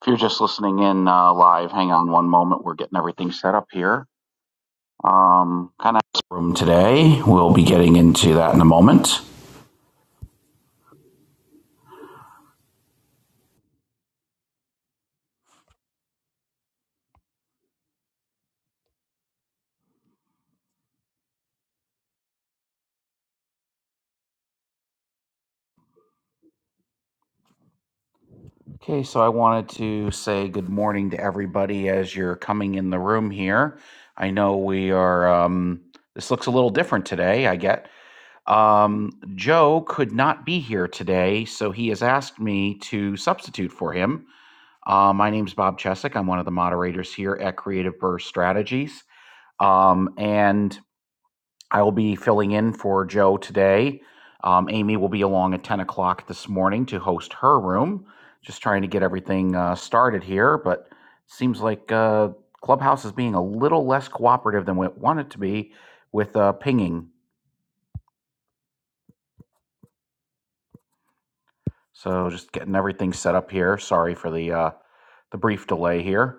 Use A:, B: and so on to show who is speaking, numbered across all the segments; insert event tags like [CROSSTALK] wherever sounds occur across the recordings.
A: If you're just listening in uh, live, hang on one moment. We're getting everything set up here. Um, kind of room today. We'll be getting into that in a moment. Okay, so I wanted to say good morning to everybody as you're coming in the room here. I know we are. Um, this looks a little different today. I get. Um, Joe could not be here today, so he has asked me to substitute for him. Uh, my name's Bob Chesek. I'm one of the moderators here at Creative Burst Strategies. Um, and I will be filling in for Joe today. Um, Amy will be along at 10 o'clock this morning to host her room. Just trying to get everything uh, started here, but seems like uh, Clubhouse is being a little less cooperative than we want it to be with uh, pinging. So just getting everything set up here. Sorry for the uh, the brief delay here.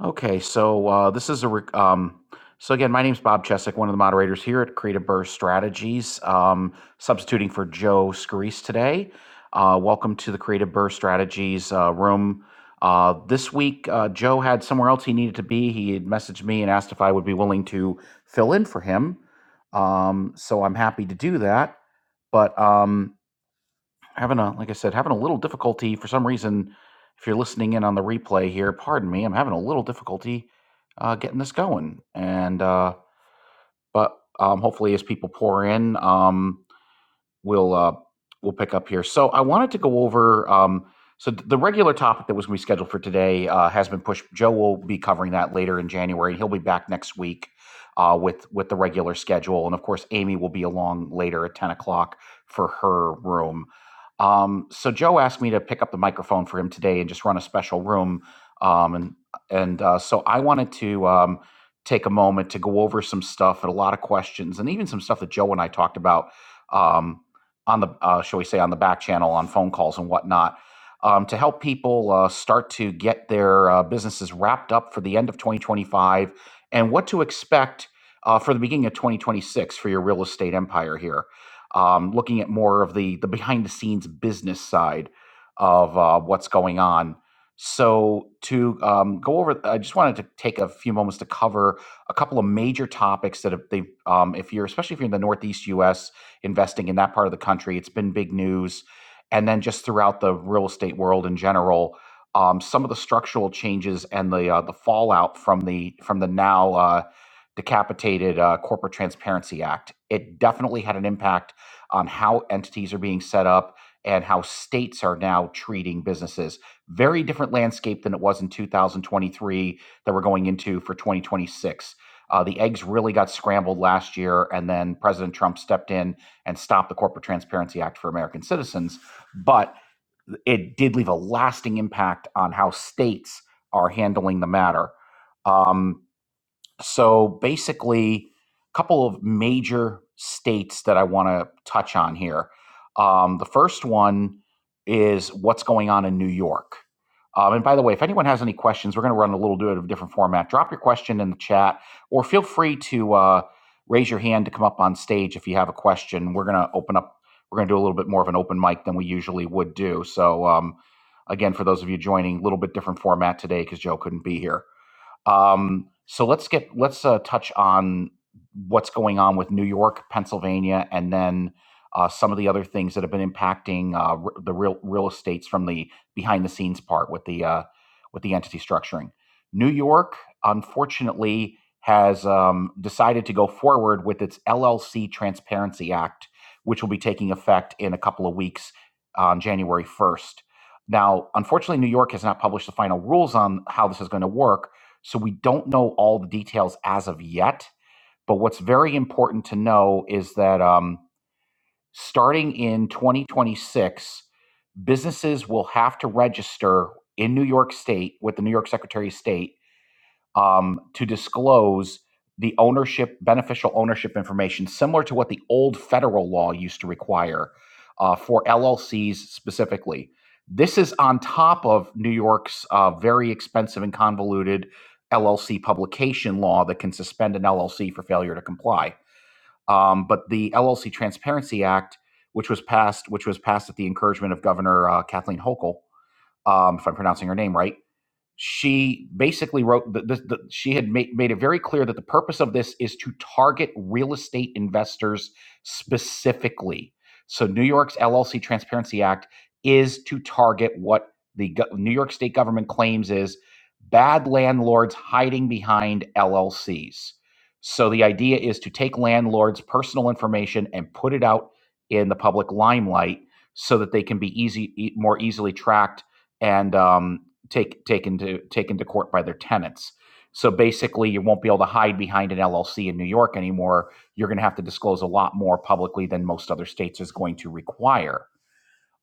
A: Okay, so uh, this is a rec- um, so again, my name's Bob Chesek, one of the moderators here at Creative Burst Strategies, um, substituting for Joe Scarice today. Uh, welcome to the Creative Burst Strategies uh, room. Uh, this week, uh, Joe had somewhere else he needed to be. He had messaged me and asked if I would be willing to fill in for him. Um, so I'm happy to do that. But um, having a like I said, having a little difficulty for some reason. If you're listening in on the replay here, pardon me, I'm having a little difficulty uh, getting this going, and uh, but um, hopefully as people pour in, um, we'll uh, we'll pick up here. So I wanted to go over. Um, so the regular topic that was going to be scheduled for today uh, has been pushed. Joe will be covering that later in January. He'll be back next week uh, with with the regular schedule, and of course, Amy will be along later at ten o'clock for her room. Um, so Joe asked me to pick up the microphone for him today and just run a special room. Um, and and uh, so I wanted to um, take a moment to go over some stuff and a lot of questions, and even some stuff that Joe and I talked about. Um, on the uh, shall we say on the back channel on phone calls and whatnot um, to help people uh, start to get their uh, businesses wrapped up for the end of 2025 and what to expect uh, for the beginning of 2026 for your real estate empire here um, looking at more of the the behind the scenes business side of uh, what's going on so to um, go over i just wanted to take a few moments to cover a couple of major topics that have they've um, if you're especially if you're in the northeast us investing in that part of the country. It's been big news. And then just throughout the real estate world in general, um, some of the structural changes and the uh, the fallout from the from the now uh, decapitated uh, Corporate Transparency Act. It definitely had an impact on how entities are being set up and how states are now treating businesses. Very different landscape than it was in 2023 that we're going into for 2026. Uh, the eggs really got scrambled last year, and then President Trump stepped in and stop the Corporate Transparency Act for American citizens, but it did leave a lasting impact on how states are handling the matter. Um, so basically, a couple of major states that I want to touch on here. Um, the first one is what's going on in New York. Um, and by the way, if anyone has any questions, we're going to run a little bit of a different format. Drop your question in the chat, or feel free to uh, raise your hand to come up on stage if you have a question. We're going to open up. We're going to do a little bit more of an open mic than we usually would do. So um, again, for those of you joining, a little bit different format today because Joe couldn't be here. Um, so let's get let's uh, touch on what's going on with New York, Pennsylvania, and then uh, some of the other things that have been impacting uh, r- the real real estates from the behind the scenes part with the uh, with the entity structuring. New York, unfortunately, has um, decided to go forward with its LLC Transparency Act, which will be taking effect in a couple of weeks on January first. Now, unfortunately, New York has not published the final rules on how this is going to work, so we don't know all the details as of yet. But what's very important to know is that um, starting in 2026, businesses will have to register in New York State with the New York Secretary of State um, to disclose the ownership, beneficial ownership information, similar to what the old federal law used to require uh, for LLCs specifically. This is on top of New York's uh, very expensive and convoluted LLC publication law that can suspend an LLC for failure to comply. Um, but the LLC Transparency Act, which was passed, which was passed at the encouragement of Governor uh, Kathleen Hochul, um, if I'm pronouncing her name right, she basically wrote that this, the, she had made, made it very clear that the purpose of this is to target real estate investors specifically. So New York's LLC Transparency Act is to target what the go- New York state government claims is bad landlords hiding behind LLCs. So the idea is to take landlords' personal information and put it out in the public limelight so that they can be easy e- more easily tracked and um, take taken to taken to court by their tenants. So basically, you won't be able to hide behind an LLC in New York anymore. You're going to have to disclose a lot more publicly than most other states is going to require.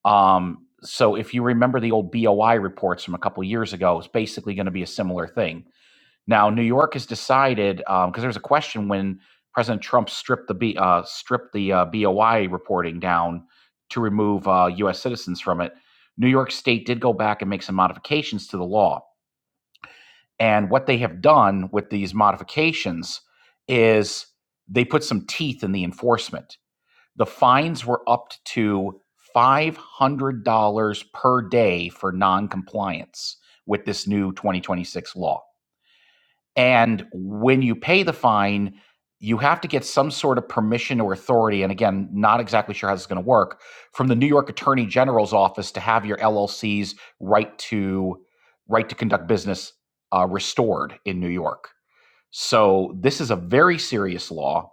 A: Um, so if you remember the old BOI reports from a couple of years ago, it's basically going to be a similar thing. Now, New York has decided because um, there was a question when President Trump stripped the B, uh, stripped the uh, BOI reporting down to remove uh, U.S. citizens from it. New York State did go back and make some modifications to the law. And what they have done with these modifications is they put some teeth in the enforcement. The fines were up to $500 per day for noncompliance with this new 2026 law. And when you pay the fine, you have to get some sort of permission or authority. And again, not exactly sure how this is going to work from the New York Attorney General's office to have your LLC's right to right to conduct business uh, restored in New York. So this is a very serious law,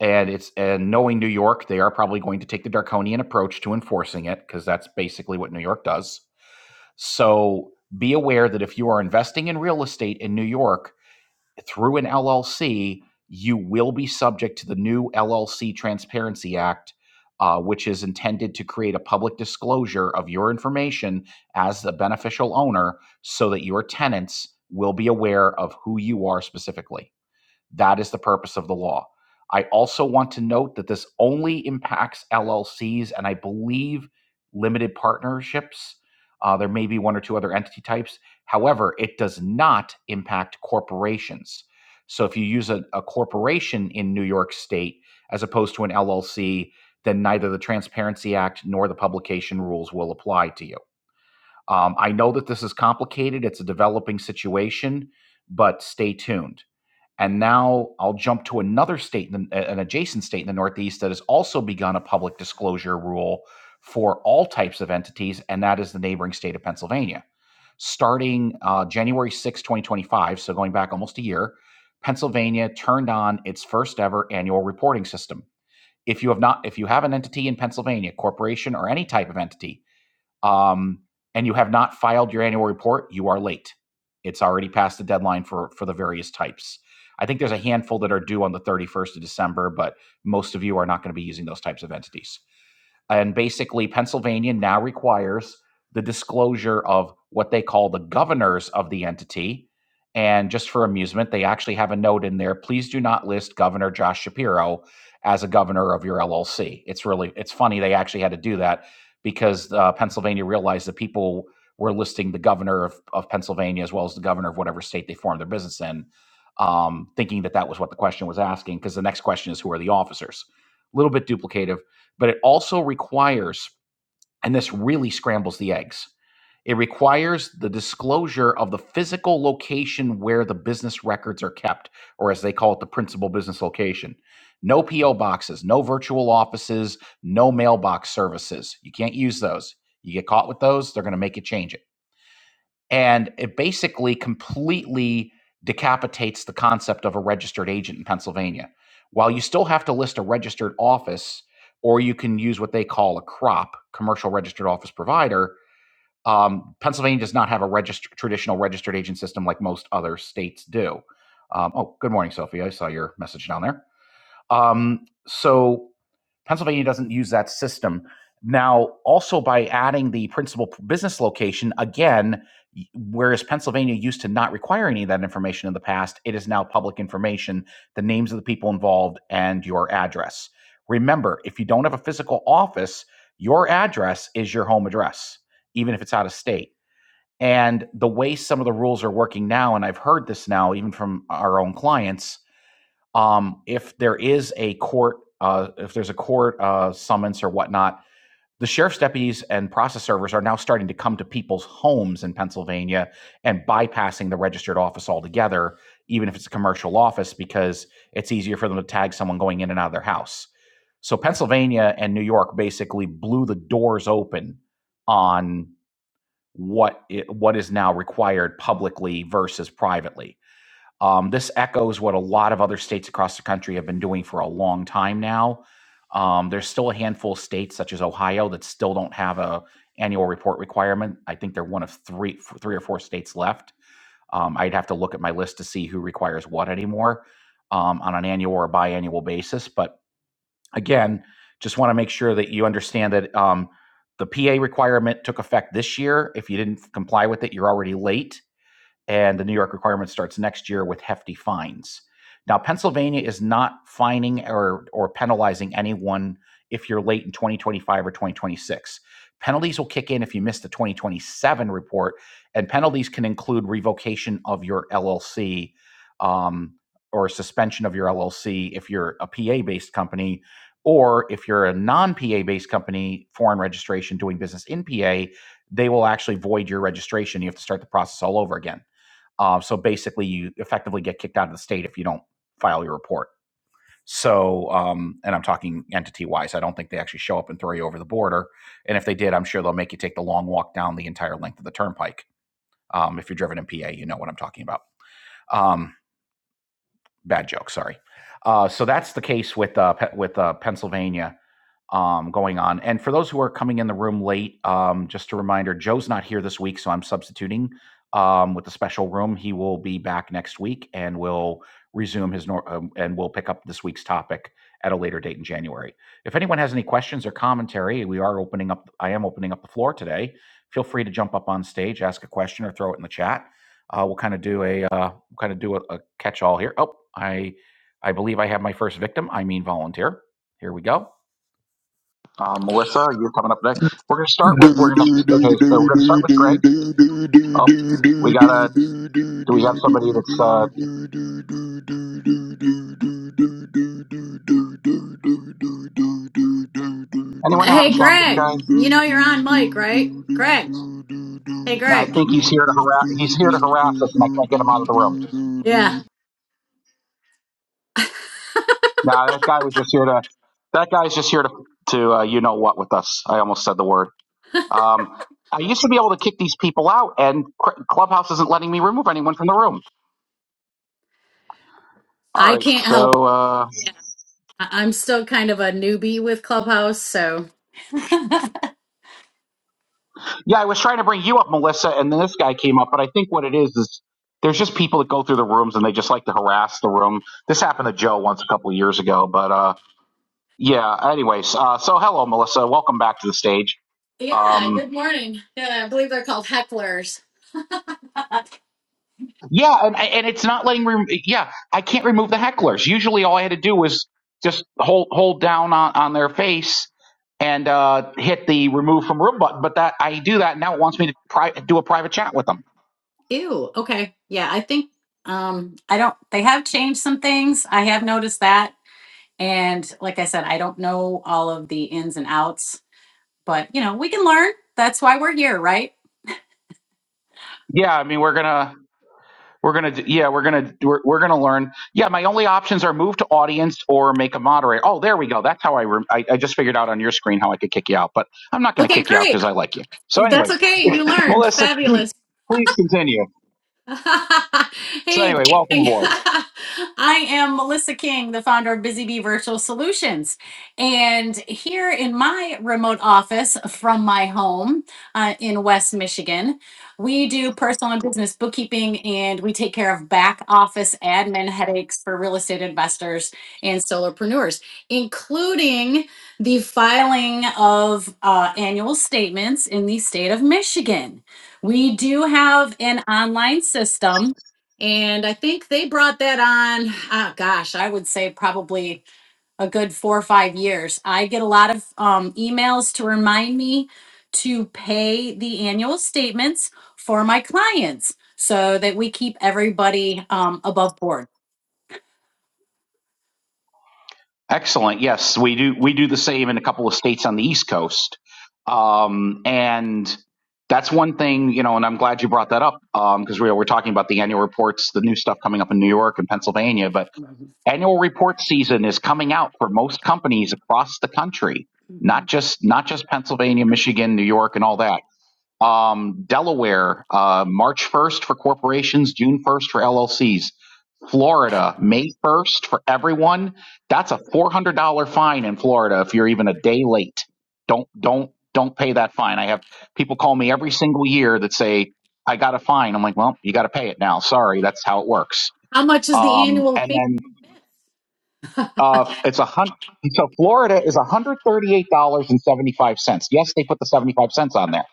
A: and it's and knowing New York, they are probably going to take the draconian approach to enforcing it because that's basically what New York does. So be aware that if you are investing in real estate in New York, through an LLC, you will be subject to the new LLC Transparency Act, uh, which is intended to create a public disclosure of your information as the beneficial owner so that your tenants will be aware of who you are specifically. That is the purpose of the law. I also want to note that this only impacts LLCs and I believe limited partnerships. Uh, there may be one or two other entity types. However, it does not impact corporations. So if you use a, a corporation in New York State as opposed to an LLC, then neither the Transparency Act nor the publication rules will apply to you. Um, I know that this is complicated, it's a developing situation, but stay tuned. And now I'll jump to another state, in the, an adjacent state in the Northeast that has also begun a public disclosure rule for all types of entities, and that is the neighboring state of Pennsylvania. Starting uh, January 6, 2025, so going back almost a year, Pennsylvania turned on its first ever annual reporting system. If you have not, if you have an entity in Pennsylvania, corporation or any type of entity um, and you have not filed your annual report, you are late. It's already past the deadline for for the various types. I think there's a handful that are due on the 31st of December, but most of you are not going to be using those types of entities. And basically, Pennsylvania now requires the disclosure of what they call the governors of the entity. And just for amusement, they actually have a note in there please do not list Governor Josh Shapiro as a governor of your LLC. It's really, it's funny they actually had to do that because uh, Pennsylvania realized that people were listing the governor of, of Pennsylvania as well as the governor of whatever state they formed their business in, um, thinking that that was what the question was asking. Because the next question is, who are the officers? A little bit duplicative but it also requires, and this really scrambles the eggs, it requires the disclosure of the physical location where the business records are kept, or as they call it, the principal business location. No PO boxes, no virtual offices, no mailbox services. You can't use those. You get caught with those, they're going to make you change it and it basically completely decapitates the concept of a registered agent in Pennsylvania. While you still have to list a registered office, or you can use what they call a crop commercial registered office provider. Um, Pennsylvania does not have a regist- traditional registered agent system like most other states do. Um, oh, good morning, Sophie. I saw your message down there. Um, so Pennsylvania doesn't use that system. Now, also by adding the principal business location, again, whereas Pennsylvania used to not require any of that information in the past, it is now public information, the names of the people involved and your address. Remember, if you don't have a physical office, your address is your home address, even if it's out of state. And the way some of the rules are working now, and I've heard this now even from our own clients, um, if there is a court, uh, if there's a court uh, summons or whatnot, the sheriff's deputies and process servers are now starting to come to people's homes in Pennsylvania and bypassing the registered office altogether, even if it's a commercial office, because it's easier for them to tag someone going in and out of their house. So Pennsylvania and New York basically blew the doors open on what it, what is now required publicly versus privately um, this echoes what a lot of other states across the country have been doing for a long time now. Um, there's still a handful of states, such as Ohio, that still don't have a annual report requirement. I think they're one of three, three or four states left. Um, I'd have to look at my list to see who requires what anymore um, on an annual or biannual basis. But again, just want to make sure that you understand that um, the PA requirement took effect this year. If you didn't comply with it, you're already late and the New York requirement starts next year with hefty fines. Now, Pennsylvania is not fining or, or penalizing anyone if you're late in 2025 or 2026. Penalties will kick in if you miss the 2027 report, and penalties can include revocation of your LLC um, or suspension of your LLC if you're a PA based company, or if you're a non PA based company, foreign registration doing business in PA, they will actually void your registration. You have to start the process all over again. Uh, so basically, you effectively get kicked out of the state if you don't file your report. So, um, and I'm talking entity wise, I don't think they actually show up and throw you over the border. And if they did, I'm sure they'll make you take the long walk down the entire length of the turnpike. Um, if you're driven in PA, you know what I'm talking about. Um, bad joke, sorry. Uh, so that's the case with uh, Pe- with uh, Pennsylvania um, going on. And for those who are coming in the room late, um, just a reminder Joe's not here this week, so I'm substituting um, with the special room. He will be back next week and will resume his nor- um, and we'll pick up this week's topic at a later date in January. If anyone has any questions or commentary, we are opening up, I am opening up the floor today. Feel free to jump up on stage, ask a question, or throw it in the chat. Uh, we'll kind of do a uh, we'll kind of do a, a catch all here. Oh, I I believe I have my first victim. I mean volunteer. Here we go. Okay. We're going to start with we're going to okay. So we're going to start with Greg. Oh, we got to do we have somebody that's uh anyone know how to
B: Hey,
A: stop this
B: Greg,
A: guy?
B: you know you're on mic, right? Greg. Hey,
A: No, I
B: Greg.
A: think he's here to harass. He's here to harass us, and I can't get him out of the room.
B: Yeah,
A: No, that guy was just here to. That guy's just here to to uh, you know what with us. I almost said the word. Um, I used to be able to kick these people out, and Clubhouse isn't letting me remove anyone from the room. All
B: I
A: right.
B: can't help.
A: Uh,
B: I- I'm still kind of a newbie with Clubhouse, so.
A: Yeah, I was trying to bring you up, Melissa, and then this guy came up. But I think what it is is there's just people that go through the rooms and they just like to harass the room. This happened to Joe once a couple of years ago, but uh, yeah. Anyways, uh, so hello, Melissa. Welcome back to the stage.
B: Yeah,
A: Um,
B: good morning. Yeah, I believe they're called hecklers.
A: yeah, and and it's not letting. Re- yeah, I can't remove the hecklers. Usually, all I had to do was just hold hold down on on their face and uh, hit the remove from room button. But that I do that now. It wants me to pri- do a private chat with them.
B: Ew, okay. Yeah, I think, um, I don't, they have changed some things. I have noticed that. And like I said, I don't know all of the ins and outs, but you know, we can learn. That's why we're here, right?
A: Yeah, I mean, we're gonna, we're gonna, d- yeah, we're gonna, we're, we're gonna learn. Yeah, my only options are move to audience or make a moderator. Oh, there we go. That's how I, rem I, I just figured out on your screen how I could kick you out, but I'm not gonna
B: Okay,
A: kick you out
B: great.
A: because I like you. So, anyway,
B: That's okay. You
A: [LAUGHS]
B: learned.
A: Melissa, please,
B: Fabulous.
A: please you.
B: [LAUGHS]
A: So,
B: hey,
A: anyway, welcome
B: gang. [LAUGHS]
A: aboard.
B: I am Melissa King, the founder of Busy Bee Virtual Solutions. And here in my remote office from my home uh, in West Michigan, we do personal and business bookkeeping and we take care of back office admin headaches for real estate investors and solopreneurs, including the filing of uh, annual statements in the state of Michigan. We do have an online system, and I think they brought that on, ah, gosh, I would say probably a good four or five years. I get a lot of um, emails to remind me to pay the annual statements for my clients so that we keep everybody um, above board.
A: Excellent. Yes, we do. We do the same in a couple of states on the East Coast, um, and that's one thing. You know, and I'm glad you brought that up because we we're talking about the annual reports, the new stuff coming up in New York and Pennsylvania. But annual report season is coming out for most companies across the country, not just not just Pennsylvania, Michigan, New York, and all that. Um, Delaware, uh, March 1st for corporations, June 1st for LLCs. Florida, May 1st for everyone. That's a $400 fine in Florida if you're even a day late. Don't, don't, don't pay that fine. I have people call me every single year that say, I got a fine. I'm like, well, you got to pay it now. Sorry. That's how it works.
B: How much is the
A: Um,
B: annual
A: and
B: fee?
A: then, uh, it's a hundred. So Florida is $138.75. Yes, they put the 75 cents on there.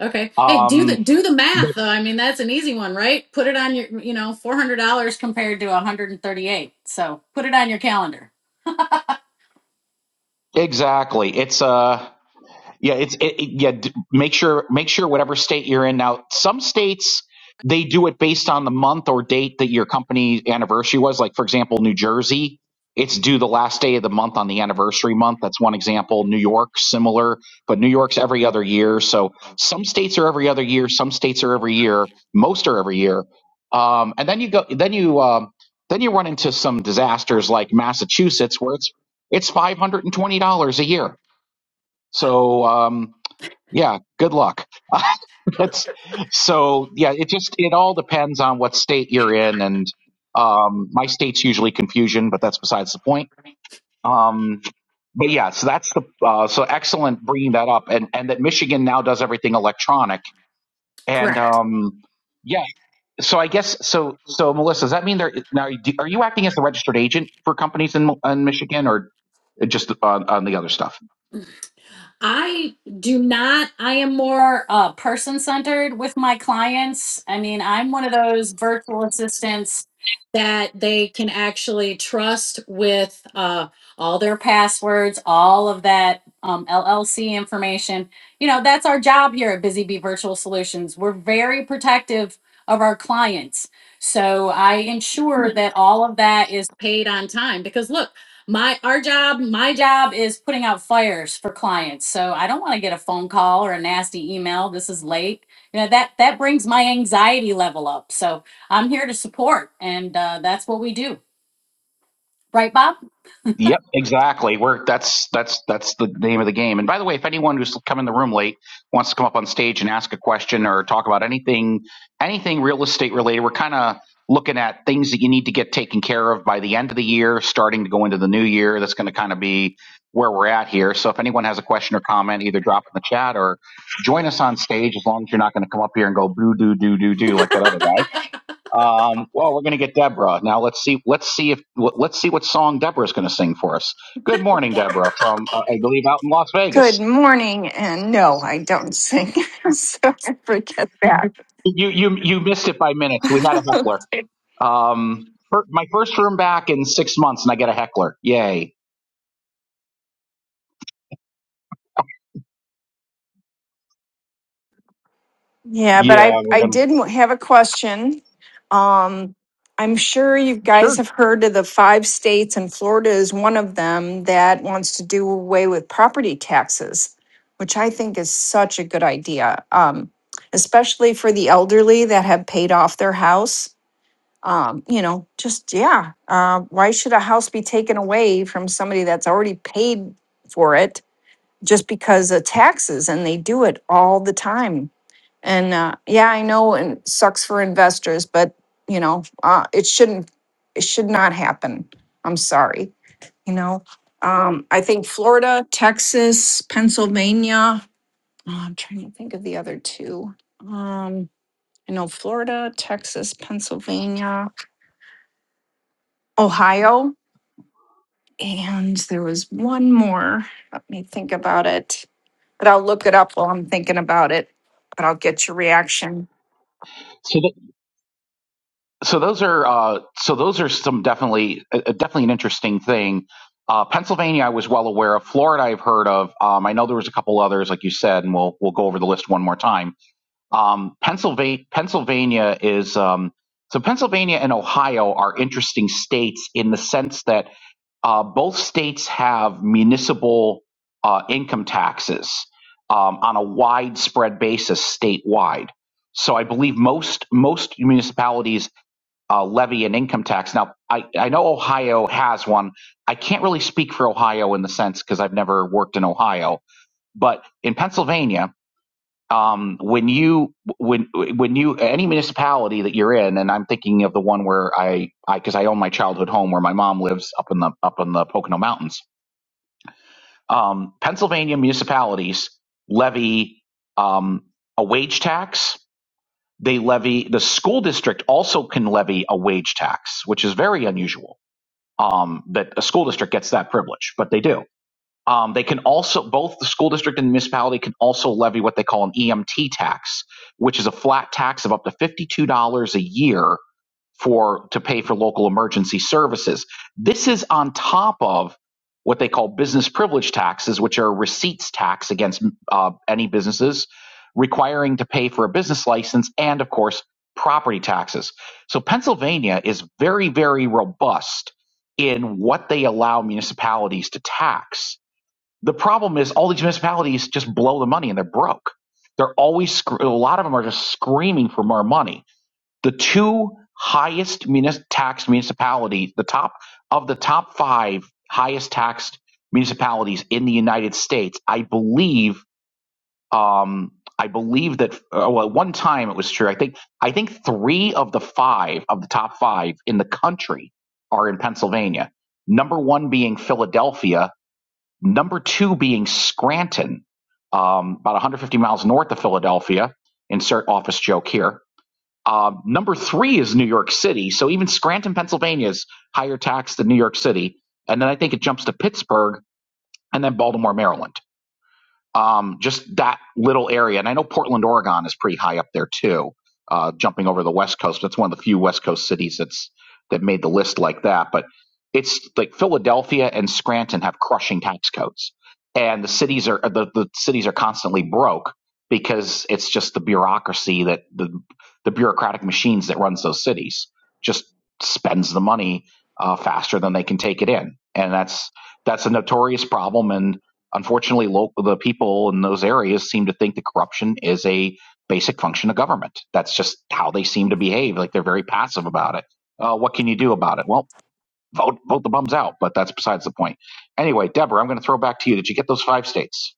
B: Okay. Hey, do the
A: Um,
B: do the math though. I mean, that's an easy one, right? Put it on your, you know, four hundred dollars compared to one hundred and thirty-eight. So put it on your calendar.
A: Exactly. It's uh yeah, it's it, it, yeah. d- Make sure make sure whatever state you're in now. Some states they do it based on the month or date that your company anniversary was. Like for example, New Jersey, it's due the last day of the month on the anniversary month. That's one example. New York, similar, but New York's every other year. So some states are every other year. Some states are every year. Most are every year. Um, and then you go then you um, then you run into some disasters like Massachusetts where it's it's five hundred and twenty dollars a year. So. Um, yeah, good luck. [LAUGHS] That's so yeah, it just it all depends on what state you're in and um my state's usually confusion, but that's besides the point. Um but yeah, so that's the uh so excellent bringing that up and and that Michigan now does everything electronic and
B: Correct.
A: um yeah, so I guess so so Melissa, does that mean there now do- are you acting as the registered agent for companies in in Michigan or just on, on the other stuff?
B: I do not. I am more uh, person centered with my clients. I mean, I'm one of those virtual assistants that they can actually trust with uh, all their passwords, all of that um, LLC information. You know, that's our job here at Busy Bee Virtual Solutions. We're very protective of our clients. So I ensure that all of that is paid on time because look, my our job, my job is putting out fires for clients. So I don't want to get a phone call or a nasty email. This is late. You know that that brings my anxiety level up. So I'm here to support, and uh, that's what we do, right, Bob?
A: Yep, exactly. We're that's that's that's the name of the game. And by the way, if anyone who's come in the room late wants to come up on stage and ask a question or talk about anything anything real estate related, we're kind of looking at things that you need to get taken care of by the end of the year, starting to go into the new year. That's going to kind of be where we're at here. So if anyone has a question or comment, either drop it in the chat or join us on stage as long as you're not going to come up here and go boo doo doo doo doo like that other guy. Um, well, we're going to get Deborah now. Let's see. Let's see if w- let's see what song Deborah's going to sing for us. Good morning, Deborah, from uh, I believe out in Las
C: Good
A: Vegas.
C: morning, and no, I don't sing, [LAUGHS] so I forget that.
A: You you you missed it by minutes. We had a
C: [LAUGHS]
A: heckler. Um, fir- my first room back in six months, and I get a heckler. Yay!
C: yeah, but
A: Yeah,
C: I
A: we're
C: I
A: gonna
C: did have a question. Um, I'm sure you
A: sure.
C: guys have heard of the five states, and Florida is one of them that wants to do away with property taxes, which I think is such a good idea, um, especially for the elderly that have paid off their house. um, you know, just yeah. Uh, why should a house be taken away from somebody that's already paid for it just because of taxes? And they do it all the time. And uh, yeah, I know, and sucks for investors, but you know, uh, it shouldn't. It should not happen. I'm sorry. You know, um, I think Florida, Texas, Pennsylvania. Oh, I'm trying to think of the other two. Um, I know Florida, Texas, Pennsylvania, Ohio. And there was one more. Let me think about it. But I'll look it up while I'm thinking about it. But I'll get your reaction.
A: So th- so those are uh so those are some definitely uh, uh, definitely an interesting thing. Uh, Pennsylvania, I was well aware of. Florida, I've heard of. Um, I know there was a couple others, like you said, and we'll we'll go over the list one more time Um, Pennsylvania, Pennsylvania is um, so Pennsylvania and Ohio are interesting states in the sense that uh, both states have municipal uh, income taxes um, on a widespread basis statewide. So I believe most most municipalities uh, levy an income tax. Now I, I know Ohio has one. I can't really speak for Ohio in the sense because I've never worked in Ohio, but in Pennsylvania um, when you when when you any municipality that you're in, and I'm thinking of the one where I because I because I own my childhood home where my mom lives up in the up in the Pocono Mountains. Um, Pennsylvania municipalities levy um, a wage tax. They levy the school district also can levy a wage tax, which is very unusual. Um, that a school district gets that privilege, but they do um, they can also both the school district and the municipality can also levy what they call an EMT tax, which is a flat tax of up to fifty-two dollars a year for to pay for local emergency services. This is on top of what they call business privilege taxes, which are receipts tax against uh, any businesses requiring to pay for a business license, and of course property taxes. So Pennsylvania is very very robust in what they allow municipalities to tax the problem is all these municipalities just blow the money and they're broke. They're always a lot of them are just screaming for more money. The two highest munis- taxed municipalities, the top of the top five highest taxed municipalities in the United States, I believe. Um, I believe that uh, well, at one time it was true. I think I think three of the five of the top five in the country are in Pennsylvania. Number one being Philadelphia, number two being Scranton, um, about 150 miles north of Philadelphia. Insert office joke here. Um, number three is New York City. So even Scranton, Pennsylvania is higher tax than New York City. And then I think it jumps to Pittsburgh and then Baltimore, Maryland um, just that little area. And I know Portland, Oregon is pretty high up there too, uh, jumping over the West Coast. That's one of the few West Coast cities that's that made the list like that. But it's like Philadelphia and Scranton have crushing tax codes, and the cities are the, the cities are constantly broke because it's just the bureaucracy that the the bureaucratic machines that runs those cities just spends the money uh, faster than they can take it in, and that's that's a notorious problem. And Unfortunately, local, the people in those areas seem to think that corruption is a basic function of government. That's just how they seem to behave. Like they're very passive about it. Uh, what can you do about it? Well, vote vote the bums out, but that's besides the point. Anyway, Deborah, I'm going to throw back to you. Did you get those five states?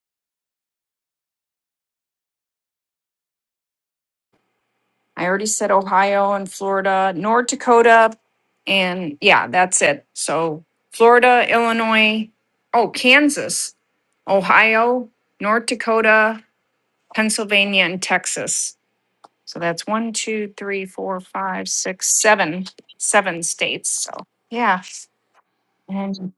C: I already said Ohio and Florida, North Dakota, and yeah, that's it. So Florida, Illinois, oh, Kansas, Ohio, North Dakota, Pennsylvania, and Texas. So that's one, two, three, four, five, six, seven, seven states. So yeah. And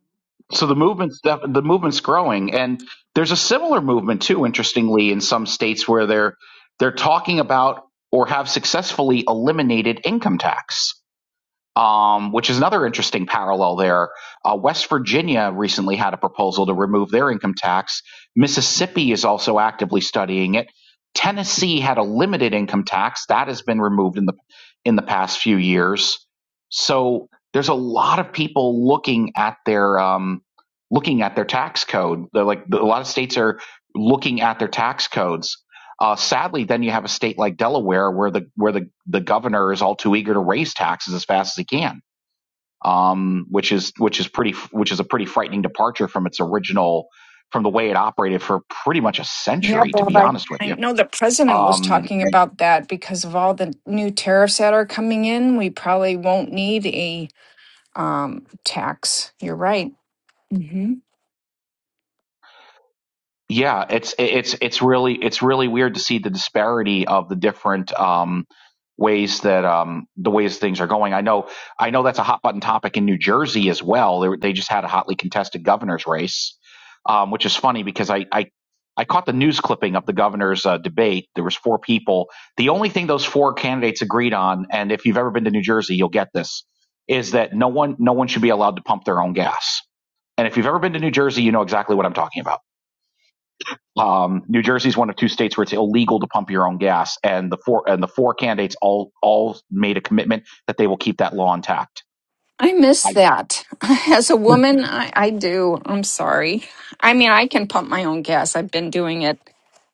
A: So the movement's def- the movement's growing, and there's a similar movement too. Interestingly, in some states where they're they're talking about or have successfully eliminated income tax um, which is another interesting parallel there. Uh, West Virginia recently had a proposal to remove their income tax. Mississippi is also actively studying it. Tennessee had a limited income tax that has been removed in the in the past few years. So there's a lot of people looking at their um, looking at their tax code. They're like a lot of states are looking at their tax codes uh, sadly, then you have a state like Delaware where the where the, the governor is all too eager to raise taxes as fast as he can, um, which is which is pretty which is a pretty frightening departure from its original from the way it operated for pretty much a
C: yeah,
A: century, to
C: Bob,
A: be
C: I,
A: honest with
C: I
A: you.
C: know the president was
A: Um,
C: talking about that because of all the new tariffs that are coming in, we probably won't need a um, tax. You're right. Mm-hmm.
A: yeah it's it's it's really it's really weird to see the disparity of the different um ways that um the ways things are going i know i know that's a hot button topic in new jersey as well they, were- they just had a hotly contested governor's race um which is funny because i i I caught the news clipping of the governor's uh, debate. There was four people. The only thing those four candidates agreed on, and if you've ever been to New Jersey, you'll get this, is that no one no one should be allowed to pump their own gas. And if you've ever been to New Jersey, you know exactly what I'm talking about um, New Jersey is one of two states where it's illegal to pump your own gas, and the four and the four candidates all all made a commitment that they will keep that law intact.
C: I
A: I
C: miss that. [LAUGHS] As a woman, I, I do. I'm sorry. I mean, I can pump my own gas. I've been doing it.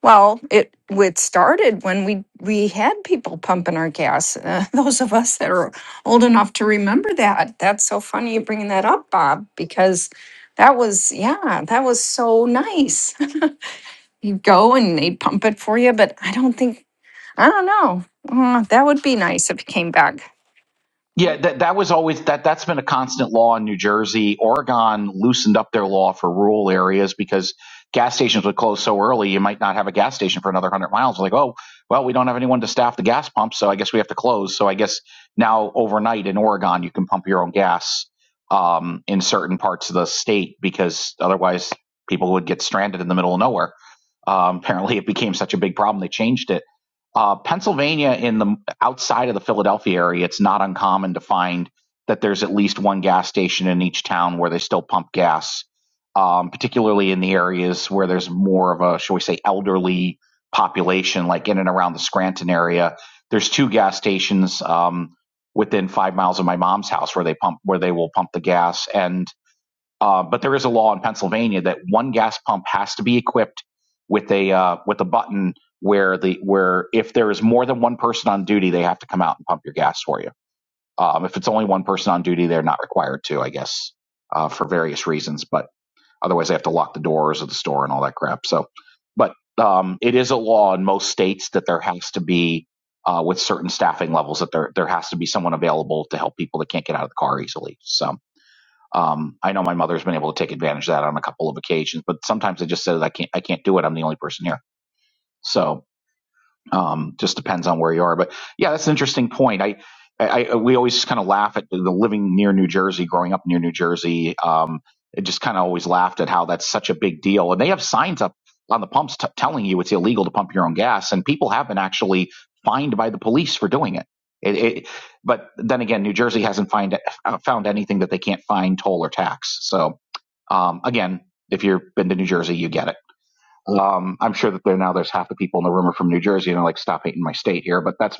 C: Well, it it started when we we had people pumping our gas. Uh, [LAUGHS] those of us that are old enough to remember that. That's so funny you bringing that up, Bob, because that was yeah, that was so nice. [LAUGHS] You go and they pump it for you, but I don't think I don't know. Uh, that would be nice if it came back.
A: Yeah, that that was always that that's been a constant law in New Jersey. Oregon loosened up their law for rural areas because gas stations would close so early you might not have a gas station for another 100 miles. Like, "Oh, well, we don't have anyone to staff the gas pumps, so I guess we have to close." So I guess now overnight in Oregon you can pump your own gas um in certain parts of the state because otherwise people would get stranded in the middle of nowhere. Um, apparently, it became such a big problem they changed it. Uh, Pennsylvania, in the outside of the Philadelphia area, it's not uncommon to find that there's at least one gas station in each town where they still pump gas, um, particularly in the areas where there's more of a, shall we say, elderly population, like in and around the Scranton area. There's two gas stations um, within five miles of my mom's house where they pump, where they will pump the gas, and uh, but there is a law in Pennsylvania that one gas pump has to be equipped with a uh, with a button where the where if there is more than one person on duty, they have to come out and pump your gas for you. Um, if it's only one person on duty, they're not required to, I guess, uh, for various reasons. But otherwise, they have to lock the doors of the store and all that crap. So, but um, it is a law in most states that there has to be uh, with certain staffing levels that there there has to be someone available to help people that can't get out of the car easily. So um, I know my mother's been able to take advantage of that on a couple of occasions, but sometimes I just said I can't I can't do it. I'm the only person here. So um, just depends on where you are. But yeah, that's an interesting point. I, I, I we always kind of laugh at the living near New Jersey, growing up near New Jersey. Um, it just kind of always laughed at how that's such a big deal, and they have signs up on the pumps t- telling you it's illegal to pump your own gas, and people have been actually fined by the police for doing it. It, it, but then again, New Jersey hasn't find, uh, found anything that they can't fine, toll, or tax. So um, again, if you've been to New Jersey, you get it. Um, I'm sure that there now there's half the people in the room are from New Jersey and they're like, stop hating my state here. But that's,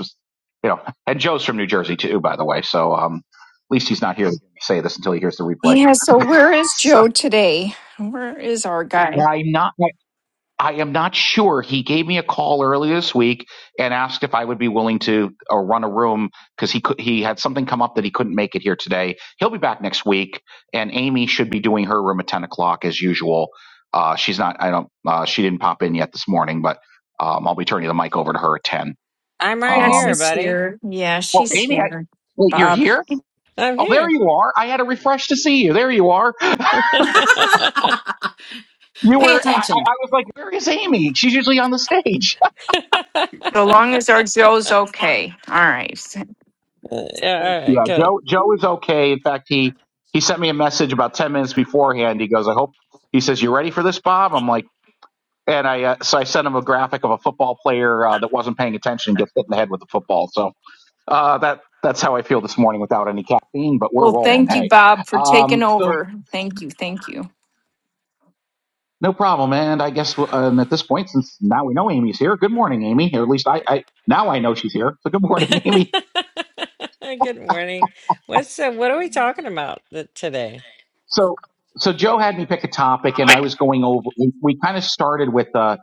A: you know, [LAUGHS] and Joe's from New Jersey too, by the way. So, um, at least he's not here to say this until he hears the replay. [LAUGHS]
C: Yeah, so where is
A: So,
C: Joe today? Where is our guy?
A: I'm not. I am not sure. He gave me a call earlier this week and asked if I would be willing to uh, run a room because he could, he had something come up that he couldn't make it here today. He'll be back next week, and Amy should be doing her room at ten o'clock as usual. Uh, she's not. I don't. Uh, she didn't pop in yet this morning, but um, I'll be turning the mic over to her at ten.
D: I'm right
C: Yeah,
D: here,
A: Um,
C: she's
D: buddy.
C: here. Yeah,
A: well,
C: she's
A: Amy, I,
C: here.
A: wait, you're
C: Bob.
A: here?
D: I'm
A: Oh, there
D: here.
A: you are. I had a refresh to see you. There you are.
B: [LAUGHS]
D: [LAUGHS]
A: You
B: Pay
A: were. I,
B: attention.
A: I'm like, where is Amy? She's usually on the stage.
C: So long as our Joe's okay. All right.
D: Yeah, all right,
A: Yeah,
D: good.
A: Joe. Joe is okay. In fact, he he sent me a message about ten minutes beforehand. He goes, "I hope." He says, "You ready for this, Bob?" I'm like, and I uh, so I sent him a graphic of a football player uh, that wasn't paying attention and gets hit in the head with a football. So uh, that that's how I feel this morning without any caffeine, but we're
C: Well,
A: rolling.
C: thank you,
A: Hey,
C: Bob, for taking
A: um, so
C: over. Thank you. Thank you.
A: no problem. And I guess um, at this point, since now we know Amy's here, good morning, Amy. Or at least I, I now I know she's here. So good morning, [LAUGHS] Amy.
D: [LAUGHS] Good morning. What's uh, what are we talking about th- today?
A: So, so Joe had me pick a topic, and I was going over. We, we kind of started with a,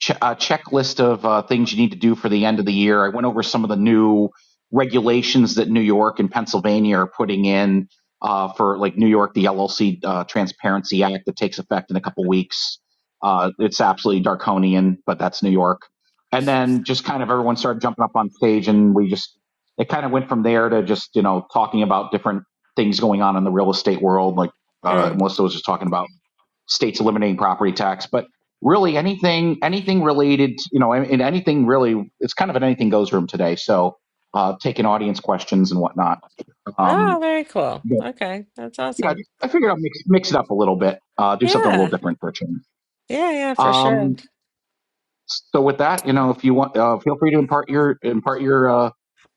A: ch- a checklist of uh, things you need to do for the end of the year. I went over some of the new regulations that New York and Pennsylvania are putting in uh, for, like New York, the LLC uh, Transparency Act that takes effect in a couple weeks. Uh, it's absolutely draconian, but that's New York. And then just kind of everyone started jumping up on stage, and we just it kind of went from there to just you know talking about different things going on in the real estate world, like uh,
D: Mm.
A: most of those just talking about states eliminating property tax, but really anything, anything related, you know, and, and anything really, it's kind of an anything goes room today. So uh, taking audience questions and whatnot. Um,
D: Oh, very cool. Okay, that's
A: yeah,
D: awesome.
A: I figured I'll mix, mix it up a little bit, uh, do something a little
D: Yeah,
A: different for a change.
D: yeah, yeah, for sure.
A: Um, so with that, you know, if you want, uh, feel free to impart your impart your uh,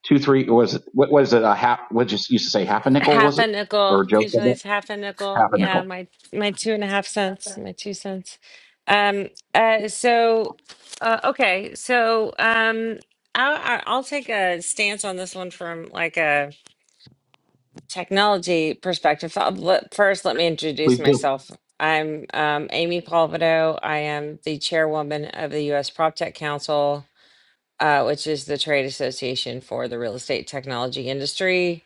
A: two, three, or was it what was it a half? What just used to say half a nickel
D: half
A: was
D: a
A: it or a
D: nickel.
A: joke?
D: Usually it's half a nickel.
A: Half a
D: Yeah,
A: nickel.
D: my my two and a half cents, my two cents. Um. Uh. So. Uh. Okay. So. Um. I'll, I'll I'll take a stance on this one from like a technology perspective. So, I'll let- First, let me introduce
A: Please do.
D: myself. I'm um, Amy Palvido. I am the chairwoman of the U.S. PropTech Council, uh, which is the trade association for the real estate technology industry.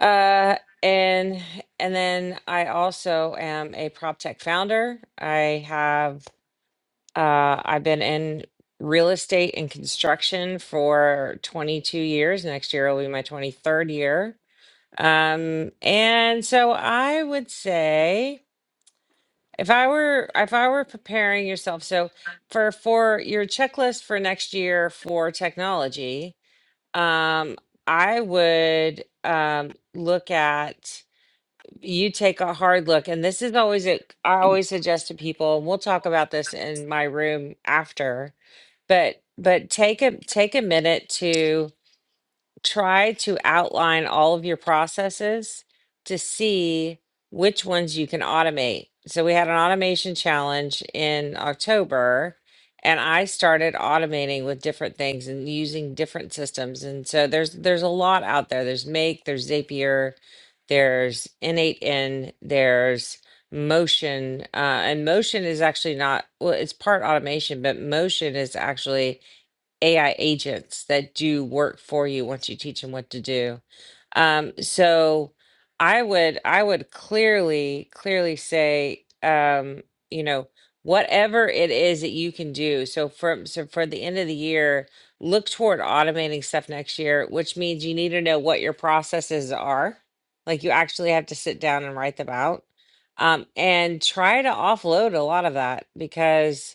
D: Uh, and and then I also am a prop tech founder. I have uh, I've been in real estate and construction for 22 years. Next year will be my 23rd year. Um, and so I would say if I were if I were preparing yourself, so for for your checklist for next year for technology, um, I would um, look at you take a hard look and this is always a, i always suggest to people and we'll talk about this in my room after but but take a take a minute to try to outline all of your processes to see which ones you can automate. So we had an automation challenge in October and I started automating with different things and using different systems. And so there's there's a lot out there. There's Make, there's Zapier, there's N8N, there's Motion. Uh, and Motion is actually not well, it's part automation, but Motion is actually AI agents that do work for you once you teach them what to do. Um, so I would I would clearly clearly say um, you know whatever it is that you can do. So from so for the end of the year, look toward automating stuff next year, which means you need to know what your processes are. Like you actually have to sit down and write them out. Um, and try to offload a lot of that because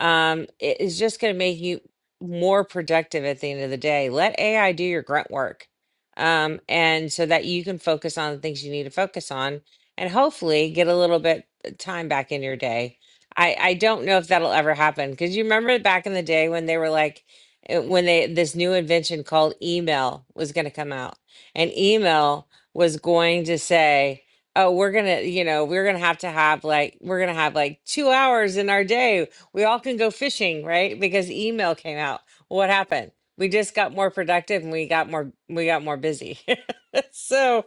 D: um, it is just going to make you more productive at the end of the day. Let AI do your grunt work. Um, and so that you can focus on the things you need to focus on and hopefully get a little bit uh, time back in your day. I, I don't know if that'll ever happen because you remember back in the day when they were like, uh, when they this new invention called email was going to come out, and email was going to say, oh we're gonna you know we're gonna have to have like we're gonna have like two hours in our day we all can go fishing, right? Because email came out. What happened? We just got more productive and we got more we got more busy. [LAUGHS] so,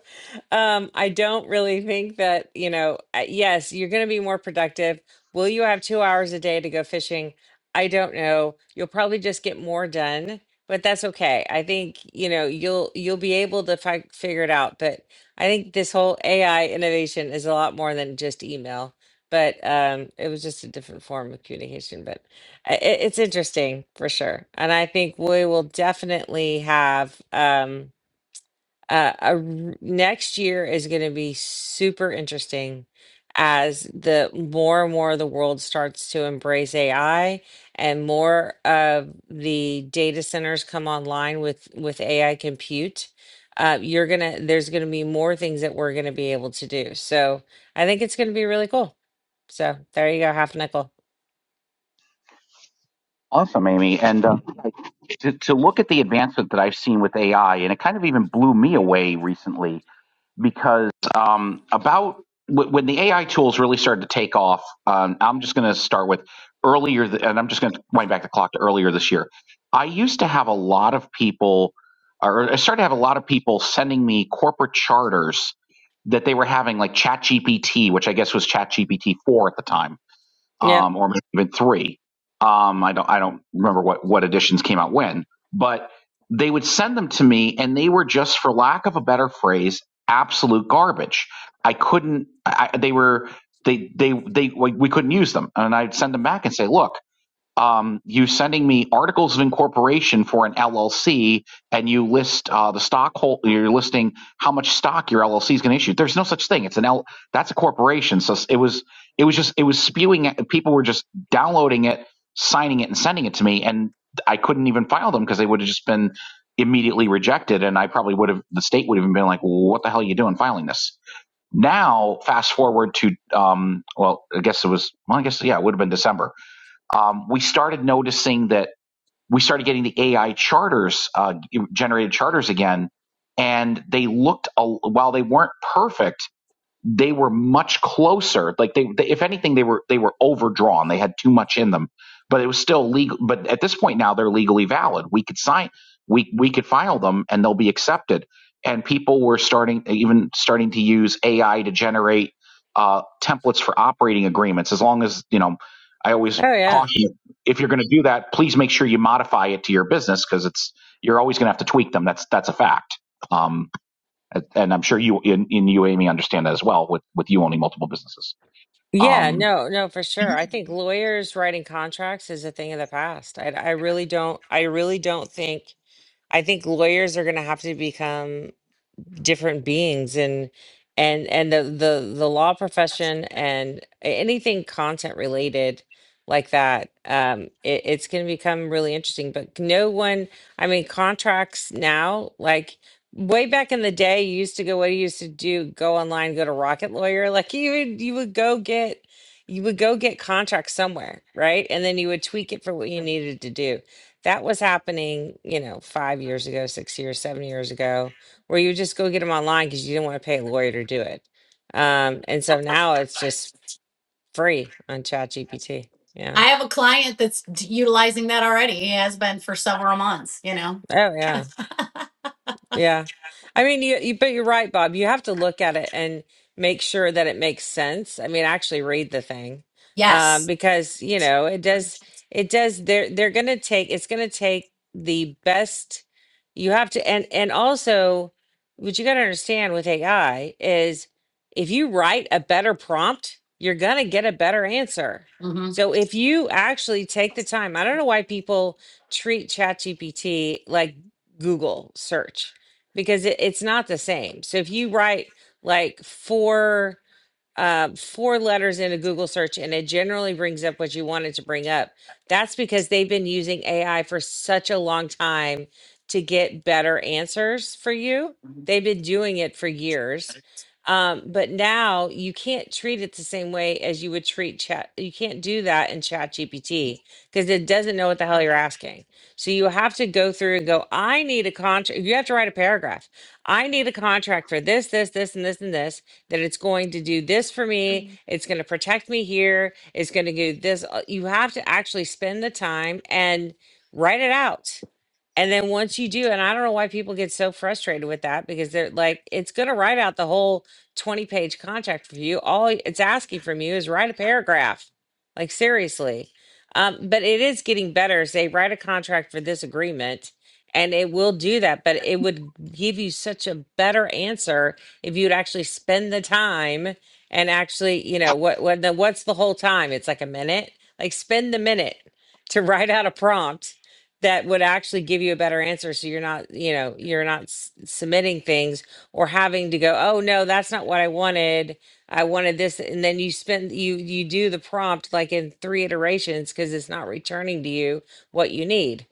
D: um I don't really think that, you know, uh, yes, you're going to be more productive. Will you have 2 hours a day to go fishing? I don't know. You'll probably just get more done, but that's okay. I think, you know, you'll you'll be able to fi- figure it out, but I think this whole AI innovation is a lot more than just email but um it was just a different form of communication but I- it, it's interesting for sure and i think we will definitely have um uh, a r- next year is going to be super interesting as the more and more the world starts to embrace ai and more of the data centers come online with with ai compute uh, you're gonna there's gonna be more things that we're gonna be able to do so i think it's gonna be really cool so there you go, half nickel.
A: Awesome, Amy. And uh, to, to look at the advancement that I've seen with AI, and it kind of even blew me away recently because um, about w- when the AI tools really started to take off, um, I'm just going to start with earlier, th- and I'm just going to wind back the clock to earlier this year. I used to have a lot of people, or I started to have a lot of people sending me corporate charters that they were having like ChatGPT, which I guess was ChatGPT 4 at the time
D: Yep.
A: um, or maybe even three. Um, I don't I don't remember what what editions came out when, but they would send them to me, and they were just, for lack of a better phrase, absolute garbage. I couldn't. I, they were they they they like, we couldn't use them, and I'd send them back and say, look um, you sending me articles of incorporation for an LLC, and you list uh, the stock hol- You're listing how much stock your LLC is going to issue. There's no such thing. It's an L. That's a corporation. So it was. It was just. It was spewing. At, people were just downloading it, signing it, and sending it to me, and I couldn't even file them because they would have just been immediately rejected, and I probably would have. The state would have been like, well, "What the hell are you doing filing this?" Now, fast forward to um, well, I guess it was. Well, I guess yeah, it would have been December um, we started noticing that we started getting the AI charters, uh, generated charters again, and they looked, a, while they weren't perfect, they were much closer. Like they, they, if anything, they were they were overdrawn. They had too much in them, but it was still legal. But at this point now, they're legally valid. We could sign, we we could file them, and they'll be accepted. And people were starting, even starting to use AI to generate uh, templates for operating agreements. As long as you know, I always
D: Oh yeah.
A: caution if you're going to do that, please make sure you modify it to your business because it's you're always going to have to tweak them. That's that's a fact. Um, uh, and I'm sure you in, in you, Amy, understand that as well with, with you owning multiple businesses.
D: Yeah,
A: Um,
D: no, no, for sure. I think lawyers writing contracts is a thing of the past. I I really don't I really don't think I think lawyers are going to have to become different beings and and and the the the law profession and anything content related like that um it, it's going to become really interesting but no one i mean contracts now like way back in the day you used to go what you used to do go online go to rocket lawyer [LAUGHS] like you would you would go get you would go get contracts somewhere right and then you would tweak it for what you needed to do that was happening you know five years ago six years seven years ago where you just go get them online because you didn't want to pay a lawyer to do it. Um, and so now it's just free on ChatGPT. Yeah.
B: I have a client that's utilizing that already. He has been for several months. You know.
D: Oh, yeah. Yeah. I mean, you, you, but you're right, Bob. You have to look at it and make sure that it makes sense. I mean, actually read the thing. Um,
B: Yes.
D: because, you know, it does, it does, they're, they're going to take, it's going to take the best you have to, and, and also what you got to understand with AI is if you write a better prompt, you're going to get a better answer. So if you actually take the time, I don't know why people treat ChatGPT like Google search because it, it's not the same. So if you write like four uh, four letters in a Google search and it generally brings up what you wanted to bring up. That's because they've been using AI for such a long time to get better answers for you. They've been doing it for years. Um, but now you can't treat it the same way as you would treat chat. You can't do that in chat GPT because it doesn't know what the hell you're asking. So you have to go through and go, I need a contract. You have to write a paragraph. I need a contract for this, this, this, and this, and this that it's going to do this for me, it's going to protect me here, it's going to do this. uh, You have to actually spend the time and write it out. And then once you do, and I don't know why people get so frustrated with that because they're like, it's going to write out the whole 20 page contract for you. All it's asking from you is write a paragraph. Like, seriously. Um, but it is getting better. Say, write a contract for this agreement, and it will do that. But it would give you such a better answer if you'd actually spend the time and actually, you know, what what the what's the whole time? It's like a minute. Like spend the minute to [LAUGHS] write out a prompt that would actually give you a better answer so you're not, you know, you're not s- submitting things or having to go, "Oh no, that's not what I wanted. I wanted this." And then you spend you you do the prompt like in three iterations because it's not returning to you what you need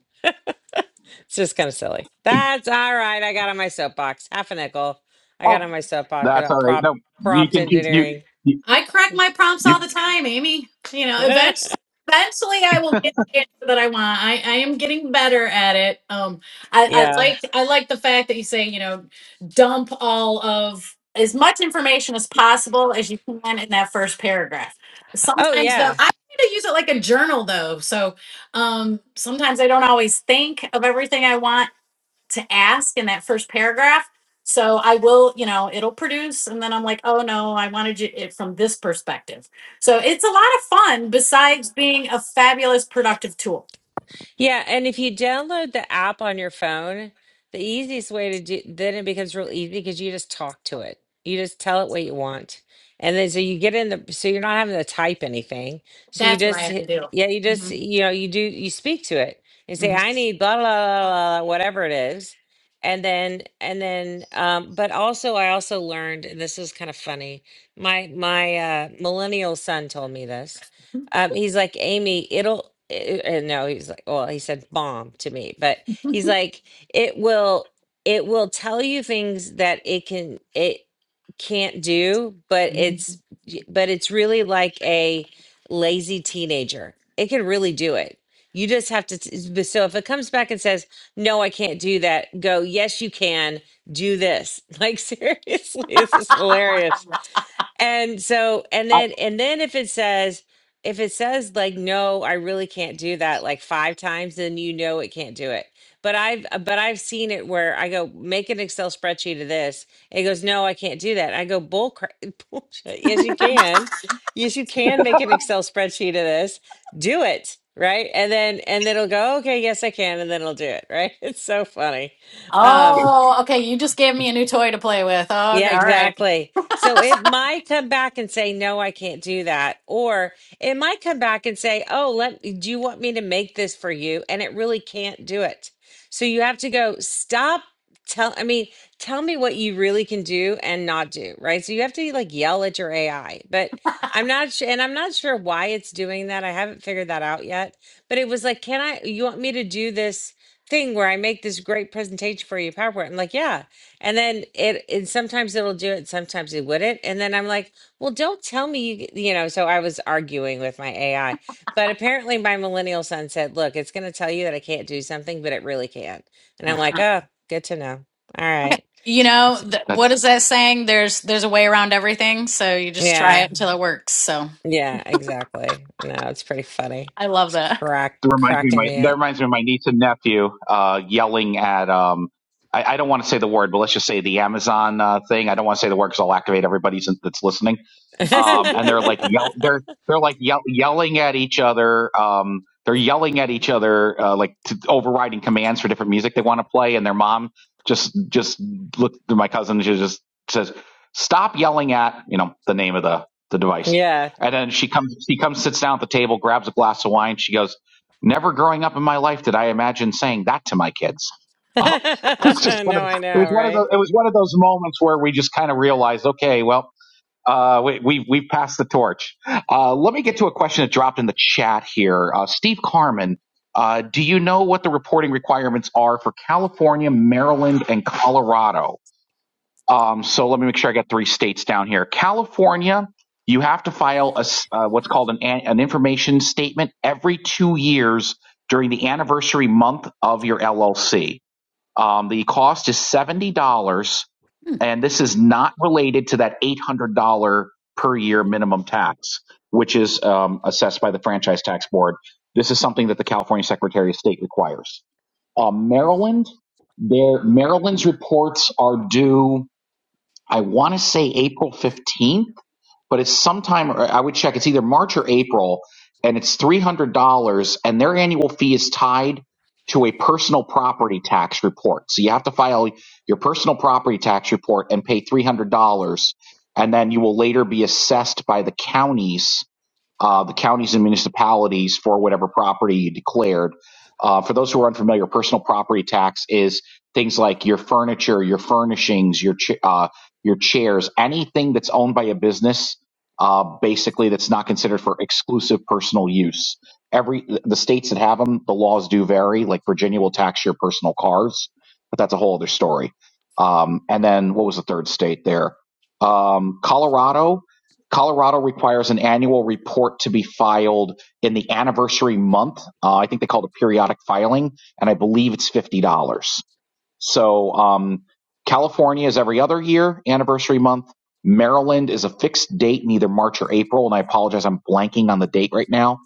D: it's just kind of silly. That's all right. I got on my soapbox. Half a nickel. I
A: oh,
D: got on my soapbox
A: that's
D: about
A: all right.
D: prompt
A: No, you
D: prompt
A: can keep you.
D: engineering.
A: you,
B: I correct my prompts all
A: you
B: the time, Amy. You
D: [LAUGHS]
B: know,
D: yeah.
B: eventually, eventually I will get the answer that I want. I, I am getting better at it. Um, I, I like I like the fact that you say you know dump all of as much information as possible as you can in that first paragraph.
D: Oh
B: Sometimes though,
D: yeah.
B: I kind of use it like a journal though. So um, sometimes I don't always think of everything I want to ask in that first paragraph. So I will, you know, it'll produce. And then I'm like, oh no, I wanted you- it from this perspective. So it's a lot of fun besides being a fabulous productive tool.
D: Yeah, and if you download the app on your phone, the easiest way to do then it becomes real easy because you just talk to it. You just tell it what you want. And then so you get in the so you're not having to type anything. So you
B: That's what I
D: just
B: have to
D: hit,
B: do.
D: yeah, you just
B: Mhm,
D: you know, you do you speak to it and say
B: mhm,
D: I need blah blah blah blah, blah whatever it is. And then and then um but also I also learned and this is kind of funny. My my uh millennial son told me this um, he's like, Amy, it'll, eh, eh, no, he's like, well, he said bomb to me, but he's like, it will, it will tell you things that it can, it can't do, but
B: mhm.
D: it's, y- but it's really like a lazy teenager. It can really do it. You just have to, t- but so if it comes back and says, no, I can't do that, go, yes, you can do this. [LAUGHS] Like, seriously, this is hilarious and so and
A: I,
D: then and then if it says if it says like no i really can't do that like five times then you know it can't do it but i've uh, but i've seen it where i go make an excel spreadsheet of this and it goes no i can't do that i go bull crap [LAUGHS] bullshit yes you can yes you can make an excel spreadsheet of this do it right and then and then it'll go okay yes i can and then it'll do it right [LAUGHS] it's so funny um
B: Oh, okay. You just gave me a new toy to play with. Oh, g-
D: yeah,
B: all right.
D: exactly. So it might come back and say, no, I can't do that. Or it might come back and say, oh, let, do you want me to make this for you? And it really can't do it. So you have to go, stop. Tell, I mean, tell me what you really can do and not do, right? So you have to like yell at your AI, but I'm not sure, and I'm not sure why it's doing that. I haven't figured that out yet, but it was like, can I, you want me to do this thing where I make this great presentation for you, PowerPoint? I'm like, yeah and then it, and sometimes it'll do it, sometimes it wouldn't. And then I'm like, well, don't tell me you, you know. So I was arguing with my AI, but apparently my millennial son said, look, it's going to tell you that I can't do something, but it really can. not And I'm like,
B: Uh-huh.
D: oh, good to know. All right.
B: You
D: It's,
B: know, th-
A: that's
B: what is that saying? There's there's a way around everything, so you just try
D: yeah.
B: it until it works. So
D: Yeah. Exactly. No, it's pretty funny.
B: I love
D: It's
B: that.
D: crack,
A: that reminds me of
D: cracking
A: my
D: me
A: that
D: up.
A: reminds me of my niece and nephew uh, yelling at. Um, I, I don't want to say the word, but let's just say the Amazon uh, thing. I don't want to say the word because I'll activate everybody since that's listening um,
B: [LAUGHS]
A: and they're like yell- they're they're like yell- yelling at each other. Um, they're yelling at each other, uh, like to, overriding commands for different music they want to play. And their mom just just looked through my cousin. She just says, "Stop yelling at you know the name of the the
D: [LAUGHS]
A: device."
D: yeah.
A: And then she comes she comes sits down at the table, grabs a glass of wine. She goes, "Never growing up in my life did I imagine saying that to my kids."
D: [LAUGHS] no,
A: [LAUGHS] it's just one of
D: I
A: it was
D: know,
A: one of
D: right?
A: those it was one of those moments where we just kind of realized, okay, well uh, we, we, we've passed the torch. Uh, let me get to a question that dropped in the chat here. Uh, Steve Carmen, uh, do you know what the reporting requirements are for California, Maryland, and Colorado? Um, so let me make sure I got three states down here. California, you have to file a, s- uh, what's called an, an an information statement every two years during the anniversary month of your LLC. Um, the cost is seventy dollars, and this is not related to that eight hundred dollar per year minimum tax, which is um, assessed by the franchise tax board. This is something that the California Secretary of State requires. Um, Maryland, their Maryland's reports are due. I want to say April fifteenth but it's sometime I would check. It's either March or April, and it's three hundred dollars, and their annual fee is tied to a personal property tax report. So you have to file your personal property tax report and pay three hundred dollars, and then you will later be assessed by the counties uh, the counties and municipalities for whatever property you declared. Uh, for those who are unfamiliar, personal property tax is things like your furniture, your furnishings, your ch- uh, your chairs, anything that's owned by a business, uh, basically that's not considered for exclusive personal use. Every the states that have them, the laws do vary. Like Virginia will tax your personal cars, but that's a whole other story. Um, and then what was the third state there? Um, Colorado Colorado requires an annual report to be filed in the anniversary month. Uh, I think they call it a periodic filing, and I believe it's fifty dollars. So um, California is every other year anniversary month. Maryland is a fixed date in either March or April, and I apologize, I'm blanking on the date right now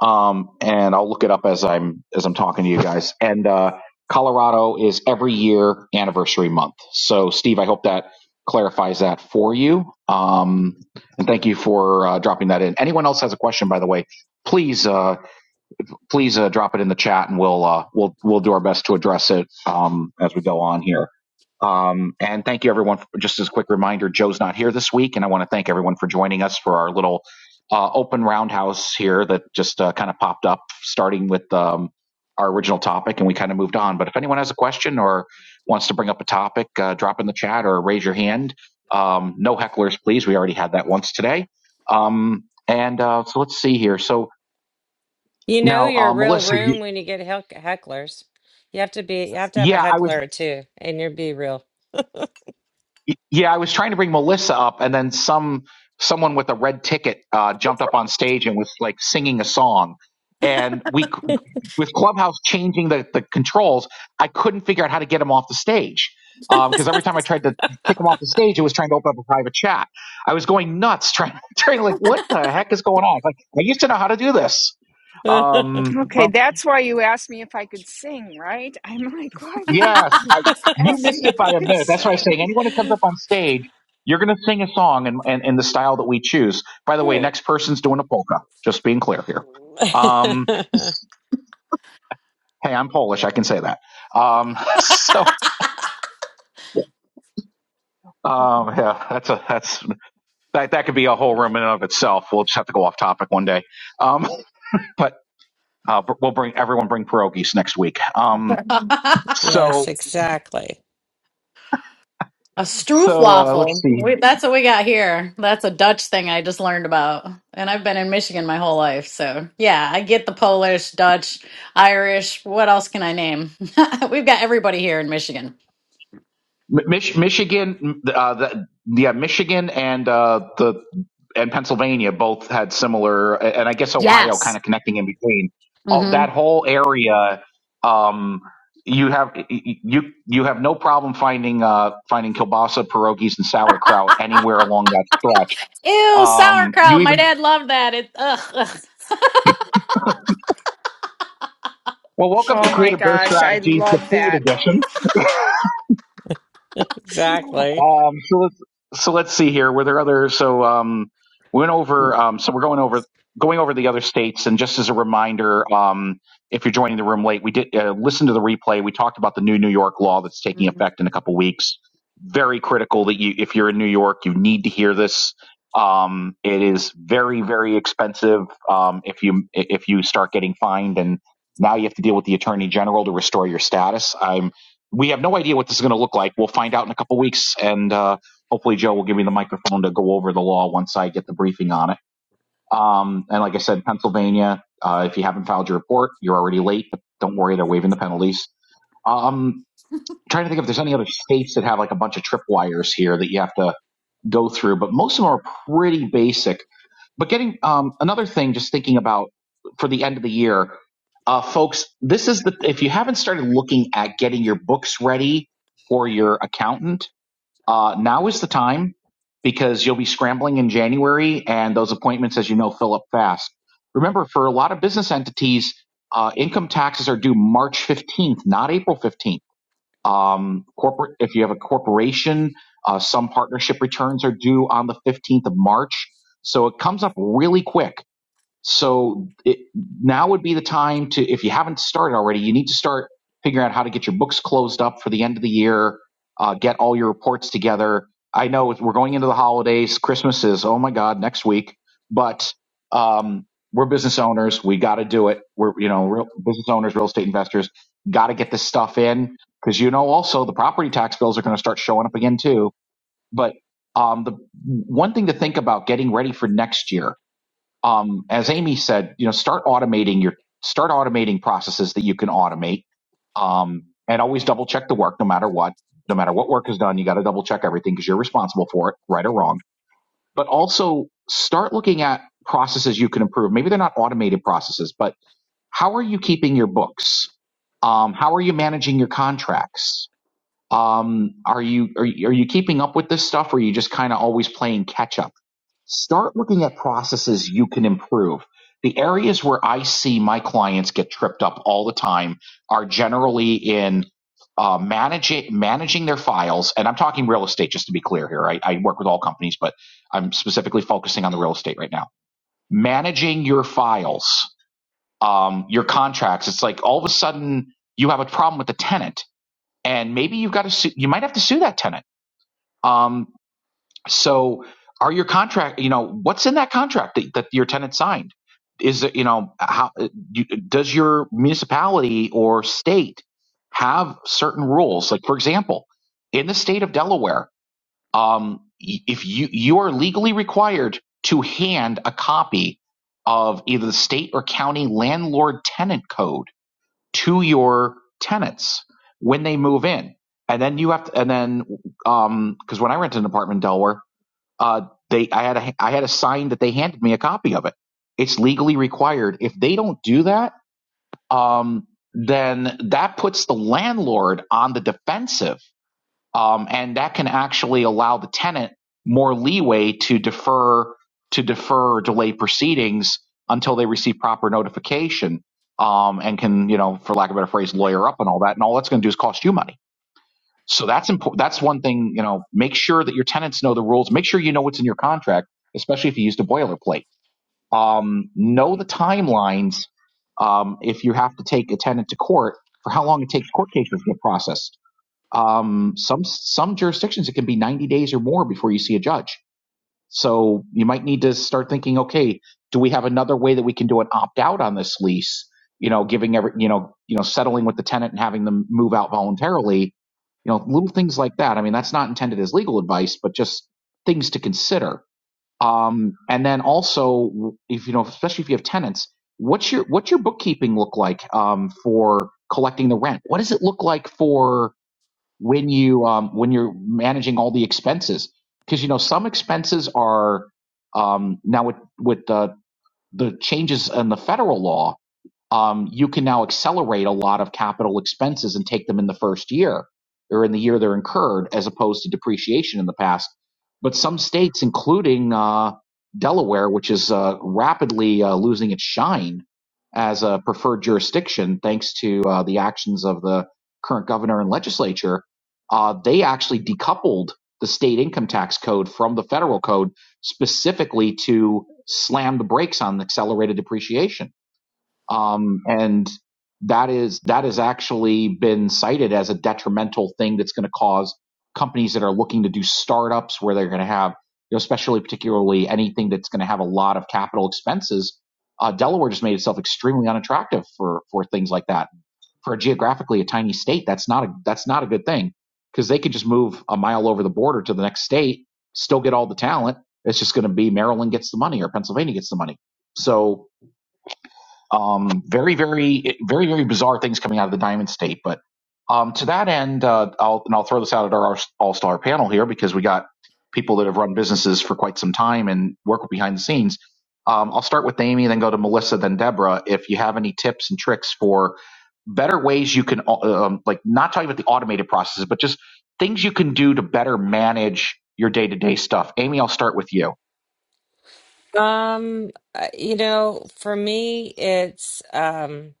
A: um, and I'll look it up as I'm as I'm talking to you guys. And uh, Colorado is every year anniversary month. So, Steve, I hope that clarifies that for you. Um, and thank you for uh, dropping that in. Anyone else has a question, by the way, please uh, please uh, drop it in the chat, and we'll uh, we'll we'll do our best to address it um, as we go on here. Um, and thank you, everyone. For, just as a quick reminder, Joe's not here this week, and I want to thank everyone for joining us for our little uh, open roundhouse here that just uh, kind of popped up, starting with um, our original topic, and we kind of moved on. But if anyone has a question or wants to bring up a topic, uh, drop in the chat or raise your hand. Um, no hecklers, please. We already had that once today. Um, and uh, so let's see here. So
D: You know
A: now,
D: your
A: uh,
D: real
A: Melissa, you-
D: room when you get heck hecklers. You have to be you have to have a
A: yeah, I was.
D: heckler or two and you'll be real.
A: Yeah, I was trying to bring Melissa up, and then some someone with a red ticket uh, jumped up on stage and was like singing a song. And we, with Clubhouse changing the, the controls, I couldn't figure out how to get him off the stage because every time I tried to kick him off the stage, it was trying to open up a private chat. I was going nuts trying, [LAUGHS] trying to like, what the heck is going on? Like, I used to know how to do this,
D: [LAUGHS]
A: um, but
C: Okay, that's why you asked me if I could sing, right? I'm [LAUGHS] like, why would he
A: Yes,
B: Hmm.
A: I, you
C: ask
A: missed
C: me
A: it
C: if
A: by
C: I
A: a
C: could
A: minute. That's what I was saying.
C: sing?
A: Anyone who comes up on stage, you're going to sing a song in, in, in the style that we choose. By the way, next person's doing a polka, just being clear here. Um, hey, I'm Polish. I can say that. Um, [LAUGHS] so, um, yeah, that's a, that's, that, that could be a whole room in and of itself. We'll just have to go off topic one day. Um, [LAUGHS] but, uh, but we'll bring, everyone bring pierogies next week. Um,
B: [LAUGHS]
A: so,
D: Yes, exactly.
B: A
A: so, uh, let's
B: stroofwafel.
A: see.
B: We, that's what we got here. That's a Dutch thing I just learned about. And I've been in Michigan my whole life. So, yeah, I get the Polish, Dutch, Irish. What else can I name? [LAUGHS] We've got everybody here in Michigan.
A: Mi- Mich- Michigan, uh, the, yeah, Michigan and uh, the and Pennsylvania both had similar, and I guess Ohio
B: Yes.
A: kind of connecting in between. All
B: hmm
A: that whole area, um, you have you you have no problem finding uh, finding kielbasa, pierogies, and sauerkraut anywhere along that stretch.
B: Ew,
A: Um, you
B: sauerkraut. My
A: even
B: dad loved that. It, ugh, ugh.
A: well, welcome to
C: Oh my
A: Creative Birth
C: gosh, I
A: Strategies, the
C: love
A: food
C: that.
A: edition.
D: Exactly.
A: Um, so let's so let's see here. Were there other? So um, we went over. Um, so we're going over going over the other states. And just as a reminder, um, if you're joining the room late, we did uh, listen to the replay. We talked about the new New York law that's taking
B: Mhm.
A: effect in a couple weeks. Very critical that you, if you're in New York, you need to hear this. Um, it is very very expensive. Um, if you if you start getting fined and now you have to deal with the attorney general to restore your status. I'm we have no idea what this is going to look like. We'll find out in a couple weeks, and uh, hopefully, Joe will give me the microphone to go over the law once I get the briefing on it. Um, and like I said, Pennsylvania, uh, if you haven't filed your report, you're already late. But don't worry, they're waiving the penalties. Um, trying to think if there's any other states that have like a bunch of tripwires here that you have to go through, but most of them are pretty basic. But getting um, another thing, just thinking about for the end of the year, uh, folks, this is the if you haven't started looking at getting your books ready for your accountant, uh, now is the time because you'll be scrambling in January, and those appointments, as you know, fill up fast. Remember, for a lot of business entities, uh, income taxes are due March 15th, not April 15th. Um, corporate, if you have a corporation, uh, some partnership returns are due on the 15th of March. So it comes up really quick. So it, now would be the time to, if you haven't started already, you need to start figuring out how to get your books closed up for the end of the year, uh, get all your reports together. I know we're going into the holidays. Christmas is, oh my God, next week. But um, we're business owners. We got to do it. We're, you know, real, business owners, real estate investors, got to get this stuff in because, you know, also the property tax bills are going to start showing up again too. But um, the one thing to think about getting ready for next year um, as Amy said, you know, start automating your start automating processes that you can automate, um, and always double check the work, no matter what, no matter what work is done. You got to double check everything because you're responsible for it, right or wrong. But also start looking at processes you can improve. Maybe they're not automated processes, but how are you keeping your books? Um, how are you managing your contracts? Um, are you are you, are you keeping up with this stuff, or are you just kind of always playing catch up? Start looking at processes you can improve. The areas where I see my clients get tripped up all the time are generally in uh, managing managing their files, and I'm talking real estate just to be clear here. I, I work with all companies, but I'm specifically focusing on the real estate right now. Managing your files, um, your contracts. It's like all of a sudden you have a problem with the tenant, and maybe you've got to sue, you might have to sue that tenant. Um, so are your contract, you know, what's in that contract that, that your tenant signed? Is it, you know, how you, does your municipality or state have certain rules? Like, for example, in the state of Delaware, um, y- if you, you are legally required to hand a copy of either the state or county landlord tenant code to your tenants when they move in. And then you have to, and then, um, cause when I rented an apartment in Delaware, uh, they I had a I had a sign that they handed me a copy of it. It's legally required. If they don't do that, um, then that puts the landlord on the defensive, um, and that can actually allow the tenant more leeway to defer to defer or delay proceedings until they receive proper notification, um, and can you know, for lack of a better phrase, lawyer up and all that. And all that's going to do is cost you money so that's important. That's one thing, you know, make sure that your tenants know the rules. Make sure you know what's in your contract, especially if you used a boilerplate. Um, know the timelines. Um, if you have to take a tenant to court for how long it takes court cases to get processed. Um, some, some jurisdictions, it can be 90 days or more before you see a judge so you might need to start thinking, okay, do we have another way that we can do an opt out on this lease? You know, giving every, you know, you know, settling with the tenant and having them move out voluntarily. You know, little things like that. I mean, that's not intended as legal advice, but just things to consider. Um, and then also, if you know, especially if you have tenants, what's your what's your bookkeeping look like um, for collecting the rent? What does it look like for when you um, when you're managing all the expenses because you know some expenses are um, now with with the the changes in the federal law um, you can now accelerate a lot of capital expenses and take them in the first year or in the year they're incurred as opposed to depreciation in the past. But some states, including uh, Delaware, which is uh, rapidly uh, losing its shine as a preferred jurisdiction thanks to uh, the actions of the current governor and legislature, uh, they actually decoupled the state income tax code from the federal code specifically to slam the brakes on accelerated depreciation um, and that is that has actually been cited as a detrimental thing that's going to cause companies that are looking to do startups where they're going to have you know especially particularly anything that's going to have a lot of capital expenses uh, delaware just made itself extremely unattractive for for things like that for a geographically a tiny state that's not a that's not a good thing because they could just move a mile over the border to the next state still get all the talent it's just going to be maryland gets the money or pennsylvania gets the money so um, very, very, very, very bizarre things coming out of the Diamond State. But um, to that end, uh, I'll, and I'll throw this out at our all star panel here because we got people that have run businesses for quite some time and work behind the scenes. Um, I'll start with Amy, then go to Melissa, then Deborah. If you have any tips and tricks for better ways you can uh, um, like not talking about the automated processes but just things you can do to better manage your day-to-day stuff amy i'll start with you
D: Um, uh, you know, for me it's um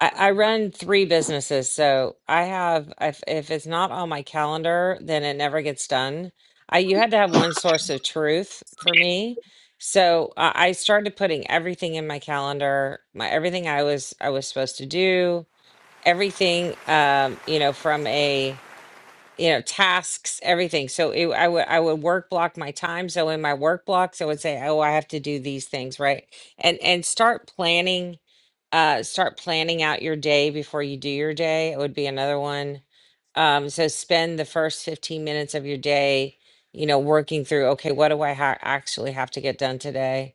D: I, I run three businesses, so I have if if it's not on my calendar, then it never gets done. I you had to have one source of truth for me. So I I started putting everything in my calendar, my everything I was I was supposed to do, everything um, you know, from a you know tasks everything so it, i would i would work block my time so in my work blocks i would say oh i have to do these things right and and start planning uh start planning out your day before you do your day it would be another one um so spend the first 15 minutes of your day you know working through okay what do i ha- actually have to get done today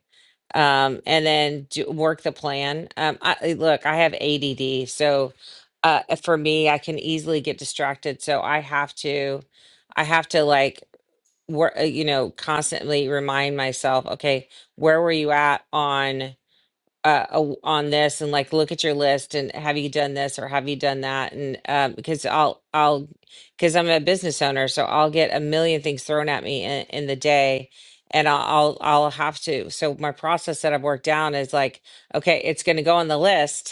D: um and then do, work the plan um I, I- look i have add so uh eh, for me i can easily get distracted so i have to i have to like work you know constantly remind myself okay where were you at on uh a- on this and like look at your list and have you done this or have you done that and um because i'll i'll because i'm a business owner so i'll get a million things thrown at me in, in the day and I'll, I'll i'll have to so my process that i've worked down is like okay it's going to go on the list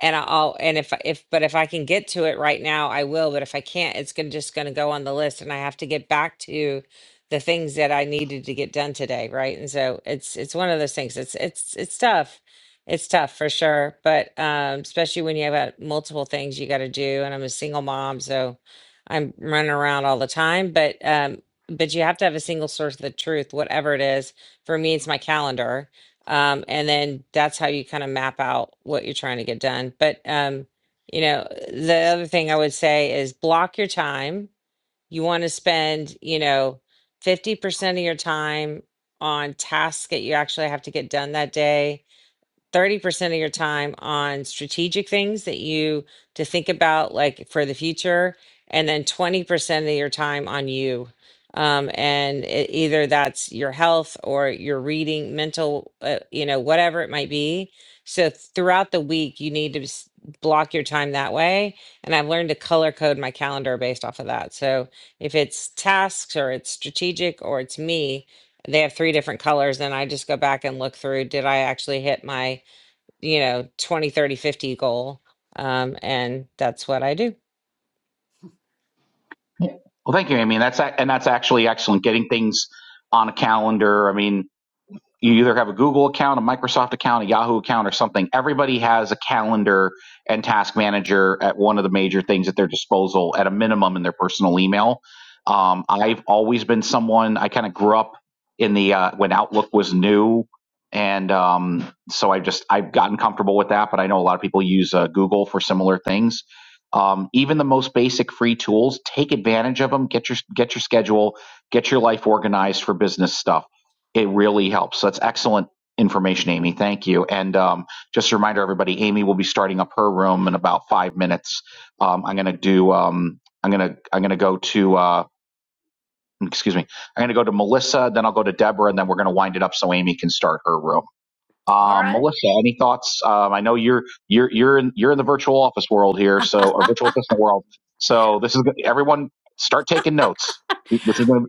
D: and I- will and if if but if I can get to it right now, I will. But if I can't, it's gonna just gonna go on the list, and I have to get back to the things that I needed to get done today, right? And so it's it's one of those things. It's it's it's tough. It's tough for sure, but um, especially when you have uh, multiple things you got to do. And I'm a single mom, so I'm running around all the time. But um, but you have to have a single source of the truth, whatever it is. For me, it's my calendar um, and then that's how you kind of map out what you're trying to get done. But um, you know, the other thing I would say is block your time. You want to spend, you know, 50% of your time on tasks that you actually have to get done that day 30% of your time on strategic things that you to think about like for the future and then 20% of your time on you um, and it, either that's your health or your reading mental uh, you know whatever it might be so throughout the week you need to s- block your time that way and i've learned to color code my calendar based off of that so if it's tasks or it's strategic or it's me they have three different colors and i just go back and look through did i actually hit my you know 20, 30, 50 goal um and that's what i do
A: Yeah. Well, thank you, Amy. And that's and that's actually excellent. Getting things on a calendar. I mean, you either have a Google account, a Microsoft account, a Yahoo account, or something. Everybody has a calendar and task manager at one of the major things at their disposal, at a minimum in their personal email. Um, I've always been someone, I kind of grew up in the, uh, when Outlook was new. And um, so I just, I've gotten comfortable with that, but I know a lot of people use uh, Google for similar things. Um, even the most basic free tools, take advantage of them. Get your get your schedule, get your life organized for business stuff it really helps. So that's excellent information, Amy. Thank you. And um, just a reminder, everybody, Amy will be starting up her room in about five minutes. Um, I'm gonna do. Um, I'm gonna. I'm gonna go to. Uh, excuse me. I'm gonna go to Melissa. Then I'll go to Deborah, and then we're gonna wind it up so Amy can start her room.
B: All
A: Um,
B: right.
A: Melissa, any thoughts? Um, I know you're you're you're in you're in the virtual office world here, so or virtual assistant world. So this is everyone. Start taking notes. This is gonna.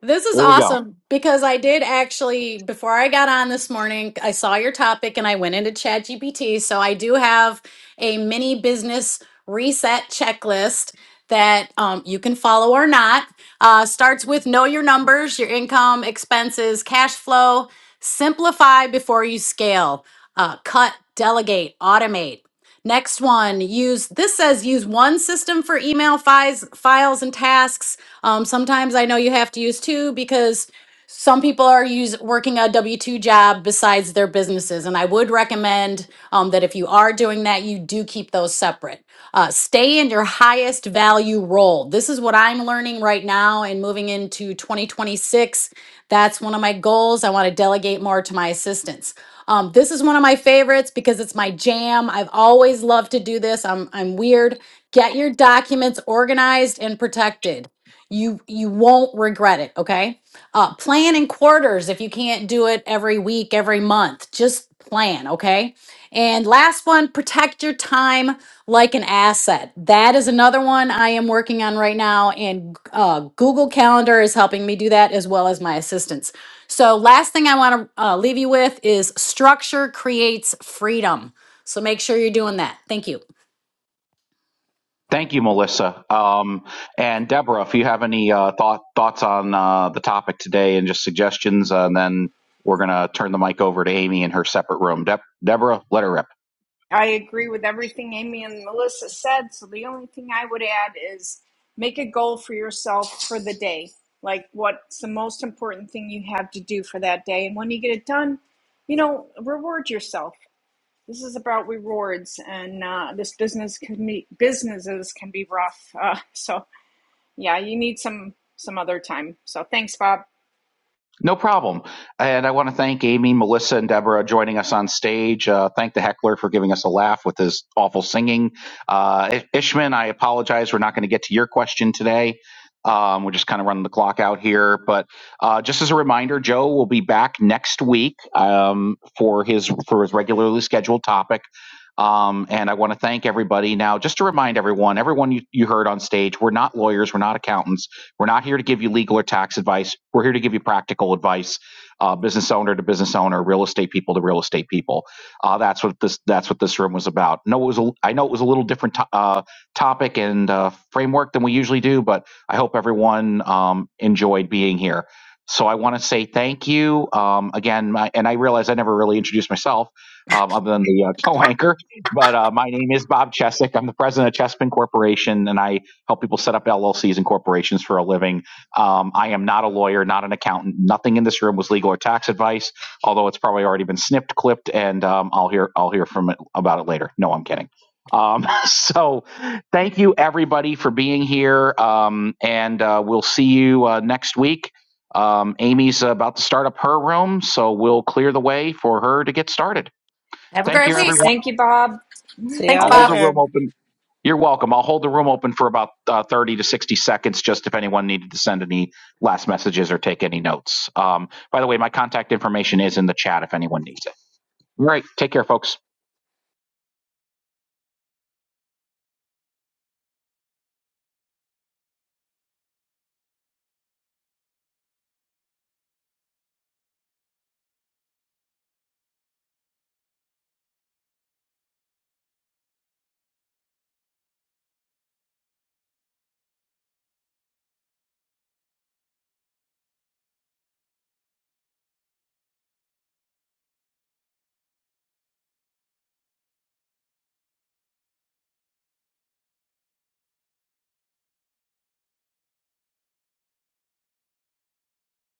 B: This is
A: Here we go.
B: awesome because I did actually, before I got on this morning, I saw your topic and I went into ChatGPT. So I do have a mini business reset checklist that um, you can follow or not. Uh, starts with know your numbers, your income, expenses, cash flow, simplify before you scale, uh, cut, delegate, automate. Next one, use this says use one system for email files, files and tasks um, sometimes I know you have to use two because some people are use, working a W 2 job besides their businesses. And I would recommend um, that if you are doing that, you do keep those separate. Uh, stay in your highest value role. This is what I'm learning right now and moving into 2026. That's one of my goals. I want to delegate more to my assistants. Um, this is one of my favorites because it's my jam. I've always loved to do this. I'm I'm weird. Get your documents organized and protected you you won't regret it okay uh plan in quarters if you can't do it every week every month just plan okay and last one protect your time like an asset that is another one i am working on right now and uh, google calendar is helping me do that as well as my assistants so last thing i want to uh, leave you with is structure creates freedom so make sure you're doing that thank you
A: Thank you, Melissa. Um, and Deborah, if you have any uh, thought, thoughts on uh, the topic today and just suggestions, uh, and then we're going to turn the mic over to Amy in her separate room. Deb- Deborah, let her rip.
C: I agree with everything Melissa said. So this. day. Like, what's the most important thing you have to do for that day? And when you get it done, you know, reward yourself. This is about rewards, and uh, this business can be businesses can be rough. Uh, [LAUGHS] so yeah, you need some some other time. So thanks, Bob.
A: No problem. And I want to thank Amy, Melissa, and Deborah joining us on stage. Uh, thank the heckler for giving us a laugh with his awful singing. Uh, Ishman, I apologize. We're not going to get to your question today. Um, we're just kind of running the clock out here. But uh, just as a reminder, Joe will be back next week um, for his for his regularly scheduled topic. Um, and I want to thank everybody. Now, just to remind everyone, everyone you, you heard on stage, we're not lawyers, we're not accountants we're not here to give you legal or tax advice. We're here to give you practical advice, uh, business owner to business owner, real estate people to real estate people. Uh, that's what this that's what this room was about. No, it was a, I know it was a little different to, uh, topic and uh, framework than we usually do, but I hope everyone um, enjoyed being here. So I want to say thank you um, again, my, and I realize I never really introduced myself um, other than the uh, [LAUGHS] co-anchor. But uh, my name is Bob Chesick. I'm the president of Chespin Corporation, and I help people set up LLCs and corporations for a living. Um, I am not a lawyer, not an accountant. Nothing in this room was legal or tax advice, although it's probably already been snipped, clipped, and um, I'll hear I'll hear from it, about it later. No, I'm kidding. Um, [LAUGHS] so, thank you everybody for being here, um, and uh, we'll see you uh, next week. Um, Amy's about to start up her room, so we'll clear the way for her to get started.
B: have a
A: Thank
B: great
A: you,
D: see,
B: week
A: everyone.
C: Thank you, Bob.
D: see
B: thanks
D: y'all
A: I'll
B: bob
A: hold the
D: there
A: room open. You're welcome. I'll hold the room open for about uh, 30 to 60 seconds, just if anyone needed to send any last messages or take any notes. Um, by the way, my contact information is in the chat if anyone needs it. All right. Take care, folks.